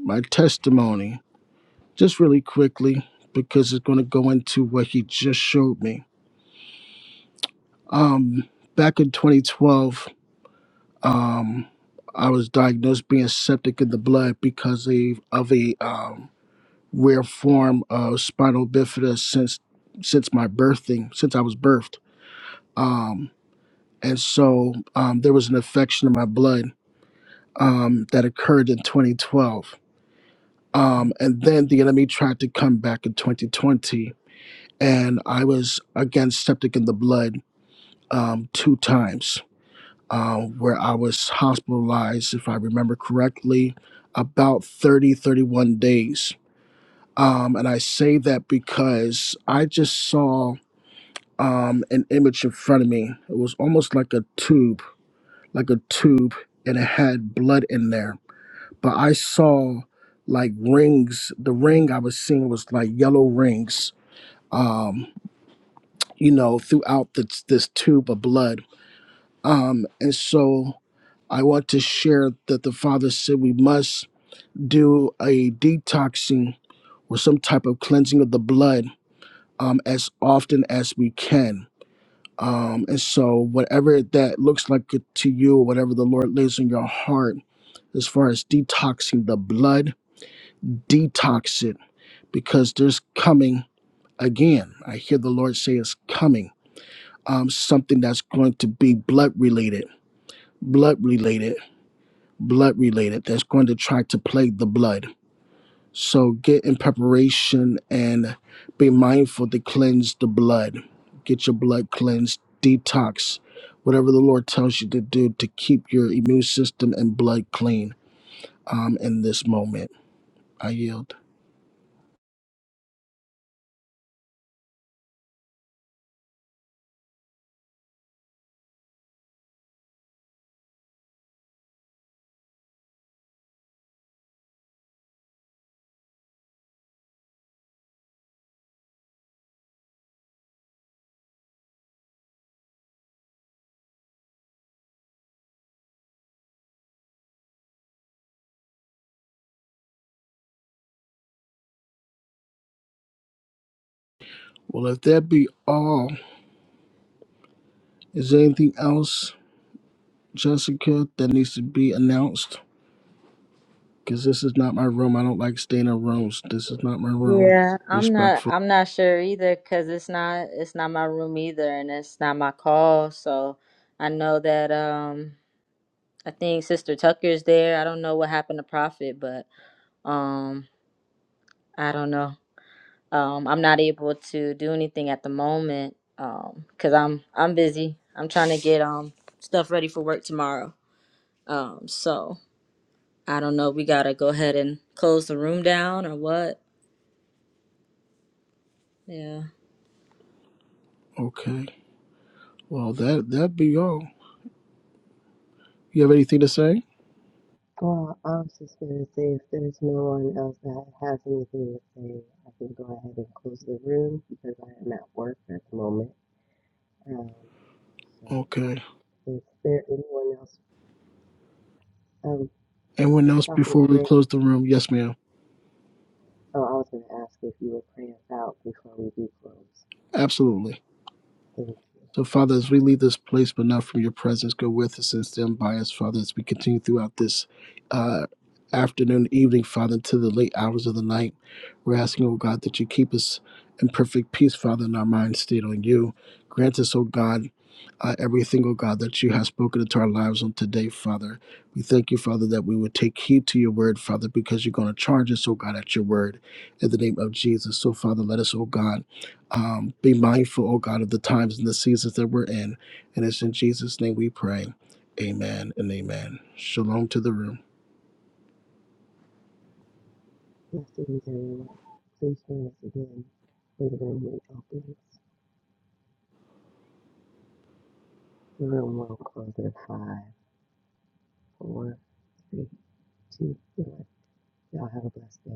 my testimony, just really quickly, because it's going to go into what He just showed me. Um, back in 2012, um, I was diagnosed being septic in the blood because of, of a um, rare form of spinal bifida since since my birthing, since I was birthed. Um, and so um, there was an infection in my blood um, that occurred in 2012. Um, and then the enemy tried to come back in 2020, and I was again septic in the blood um, two times, um, where I was hospitalized, if I remember correctly, about 30, 31 days. Um, and I say that because I just saw um, an image in front of me. It was almost like a tube like a tube and it had blood in there. But I saw like rings. The ring I was seeing was like yellow rings, um, you know, throughout this, this tube of blood. Um, and so I want to share that the Father said we must do a detoxing or some type of cleansing of the blood um, as often as we can Um, and so, whatever that looks like to you, whatever the Lord lays in your heart, as far as detoxing the blood, detox it because there's coming again. I hear the Lord say it's coming. Um, something that's going to be blood related, blood related, blood related, that's going to try to plague the blood. So get in preparation and be mindful to cleanse the blood. Get your blood cleansed, detox, whatever the Lord tells you to do to keep your immune system and blood clean um, in this moment. I yield. Well, if that be all, is there anything else, Jessica, that needs to be announced? Because this is not my room. I don't like staying in rooms. This is not my room. Yeah, I'm not Respectful. I'm not sure either because it's not it's not my room either and it's not my call. So I know that um I think Sister Tucker's there. I don't know what happened to Prophet, but um I don't know. Um, I'm not able to do anything at the moment because I'm I'm busy. I'm trying to get um stuff ready for work tomorrow. Um, so I don't know. We gotta go ahead and close the room down or what? Yeah. Okay. Well, that that be all. You have anything to say? Well, I was just gonna say if there's no one else that has anything to say, I can go ahead and close the room because I am at work at the moment. Um, so Okay. is there anyone else? Um, Anyone else Prophet before we Grant. close the room? Yes, ma'am. Oh, I was gonna ask if you would pray us out before we do close. Absolutely. Thank you. So, Father, as we leave this place, but not from your presence, go with us and stand by us, Father, as we continue throughout this uh, afternoon, evening, Father, into the late hours of the night. We're asking, oh God, that you keep us in perfect peace, Father, in our minds stayed on you. Grant us, oh God, uh, everything, oh God, that you have spoken into our lives on today, Father. We thank you, Father, that we would take heed to your word, Father, because you're going to charge us, oh God, at your word in the name of Jesus. So, Father, let us, oh God, um, be mindful, oh God, of the times and the seasons that we're in. And it's in Jesus' name we pray. Amen and amen. Shalom to the room. Blessings, everyone. Please join us again when the room reopens. The room will close at five, four. Three, You one. Y'all have a blessed day.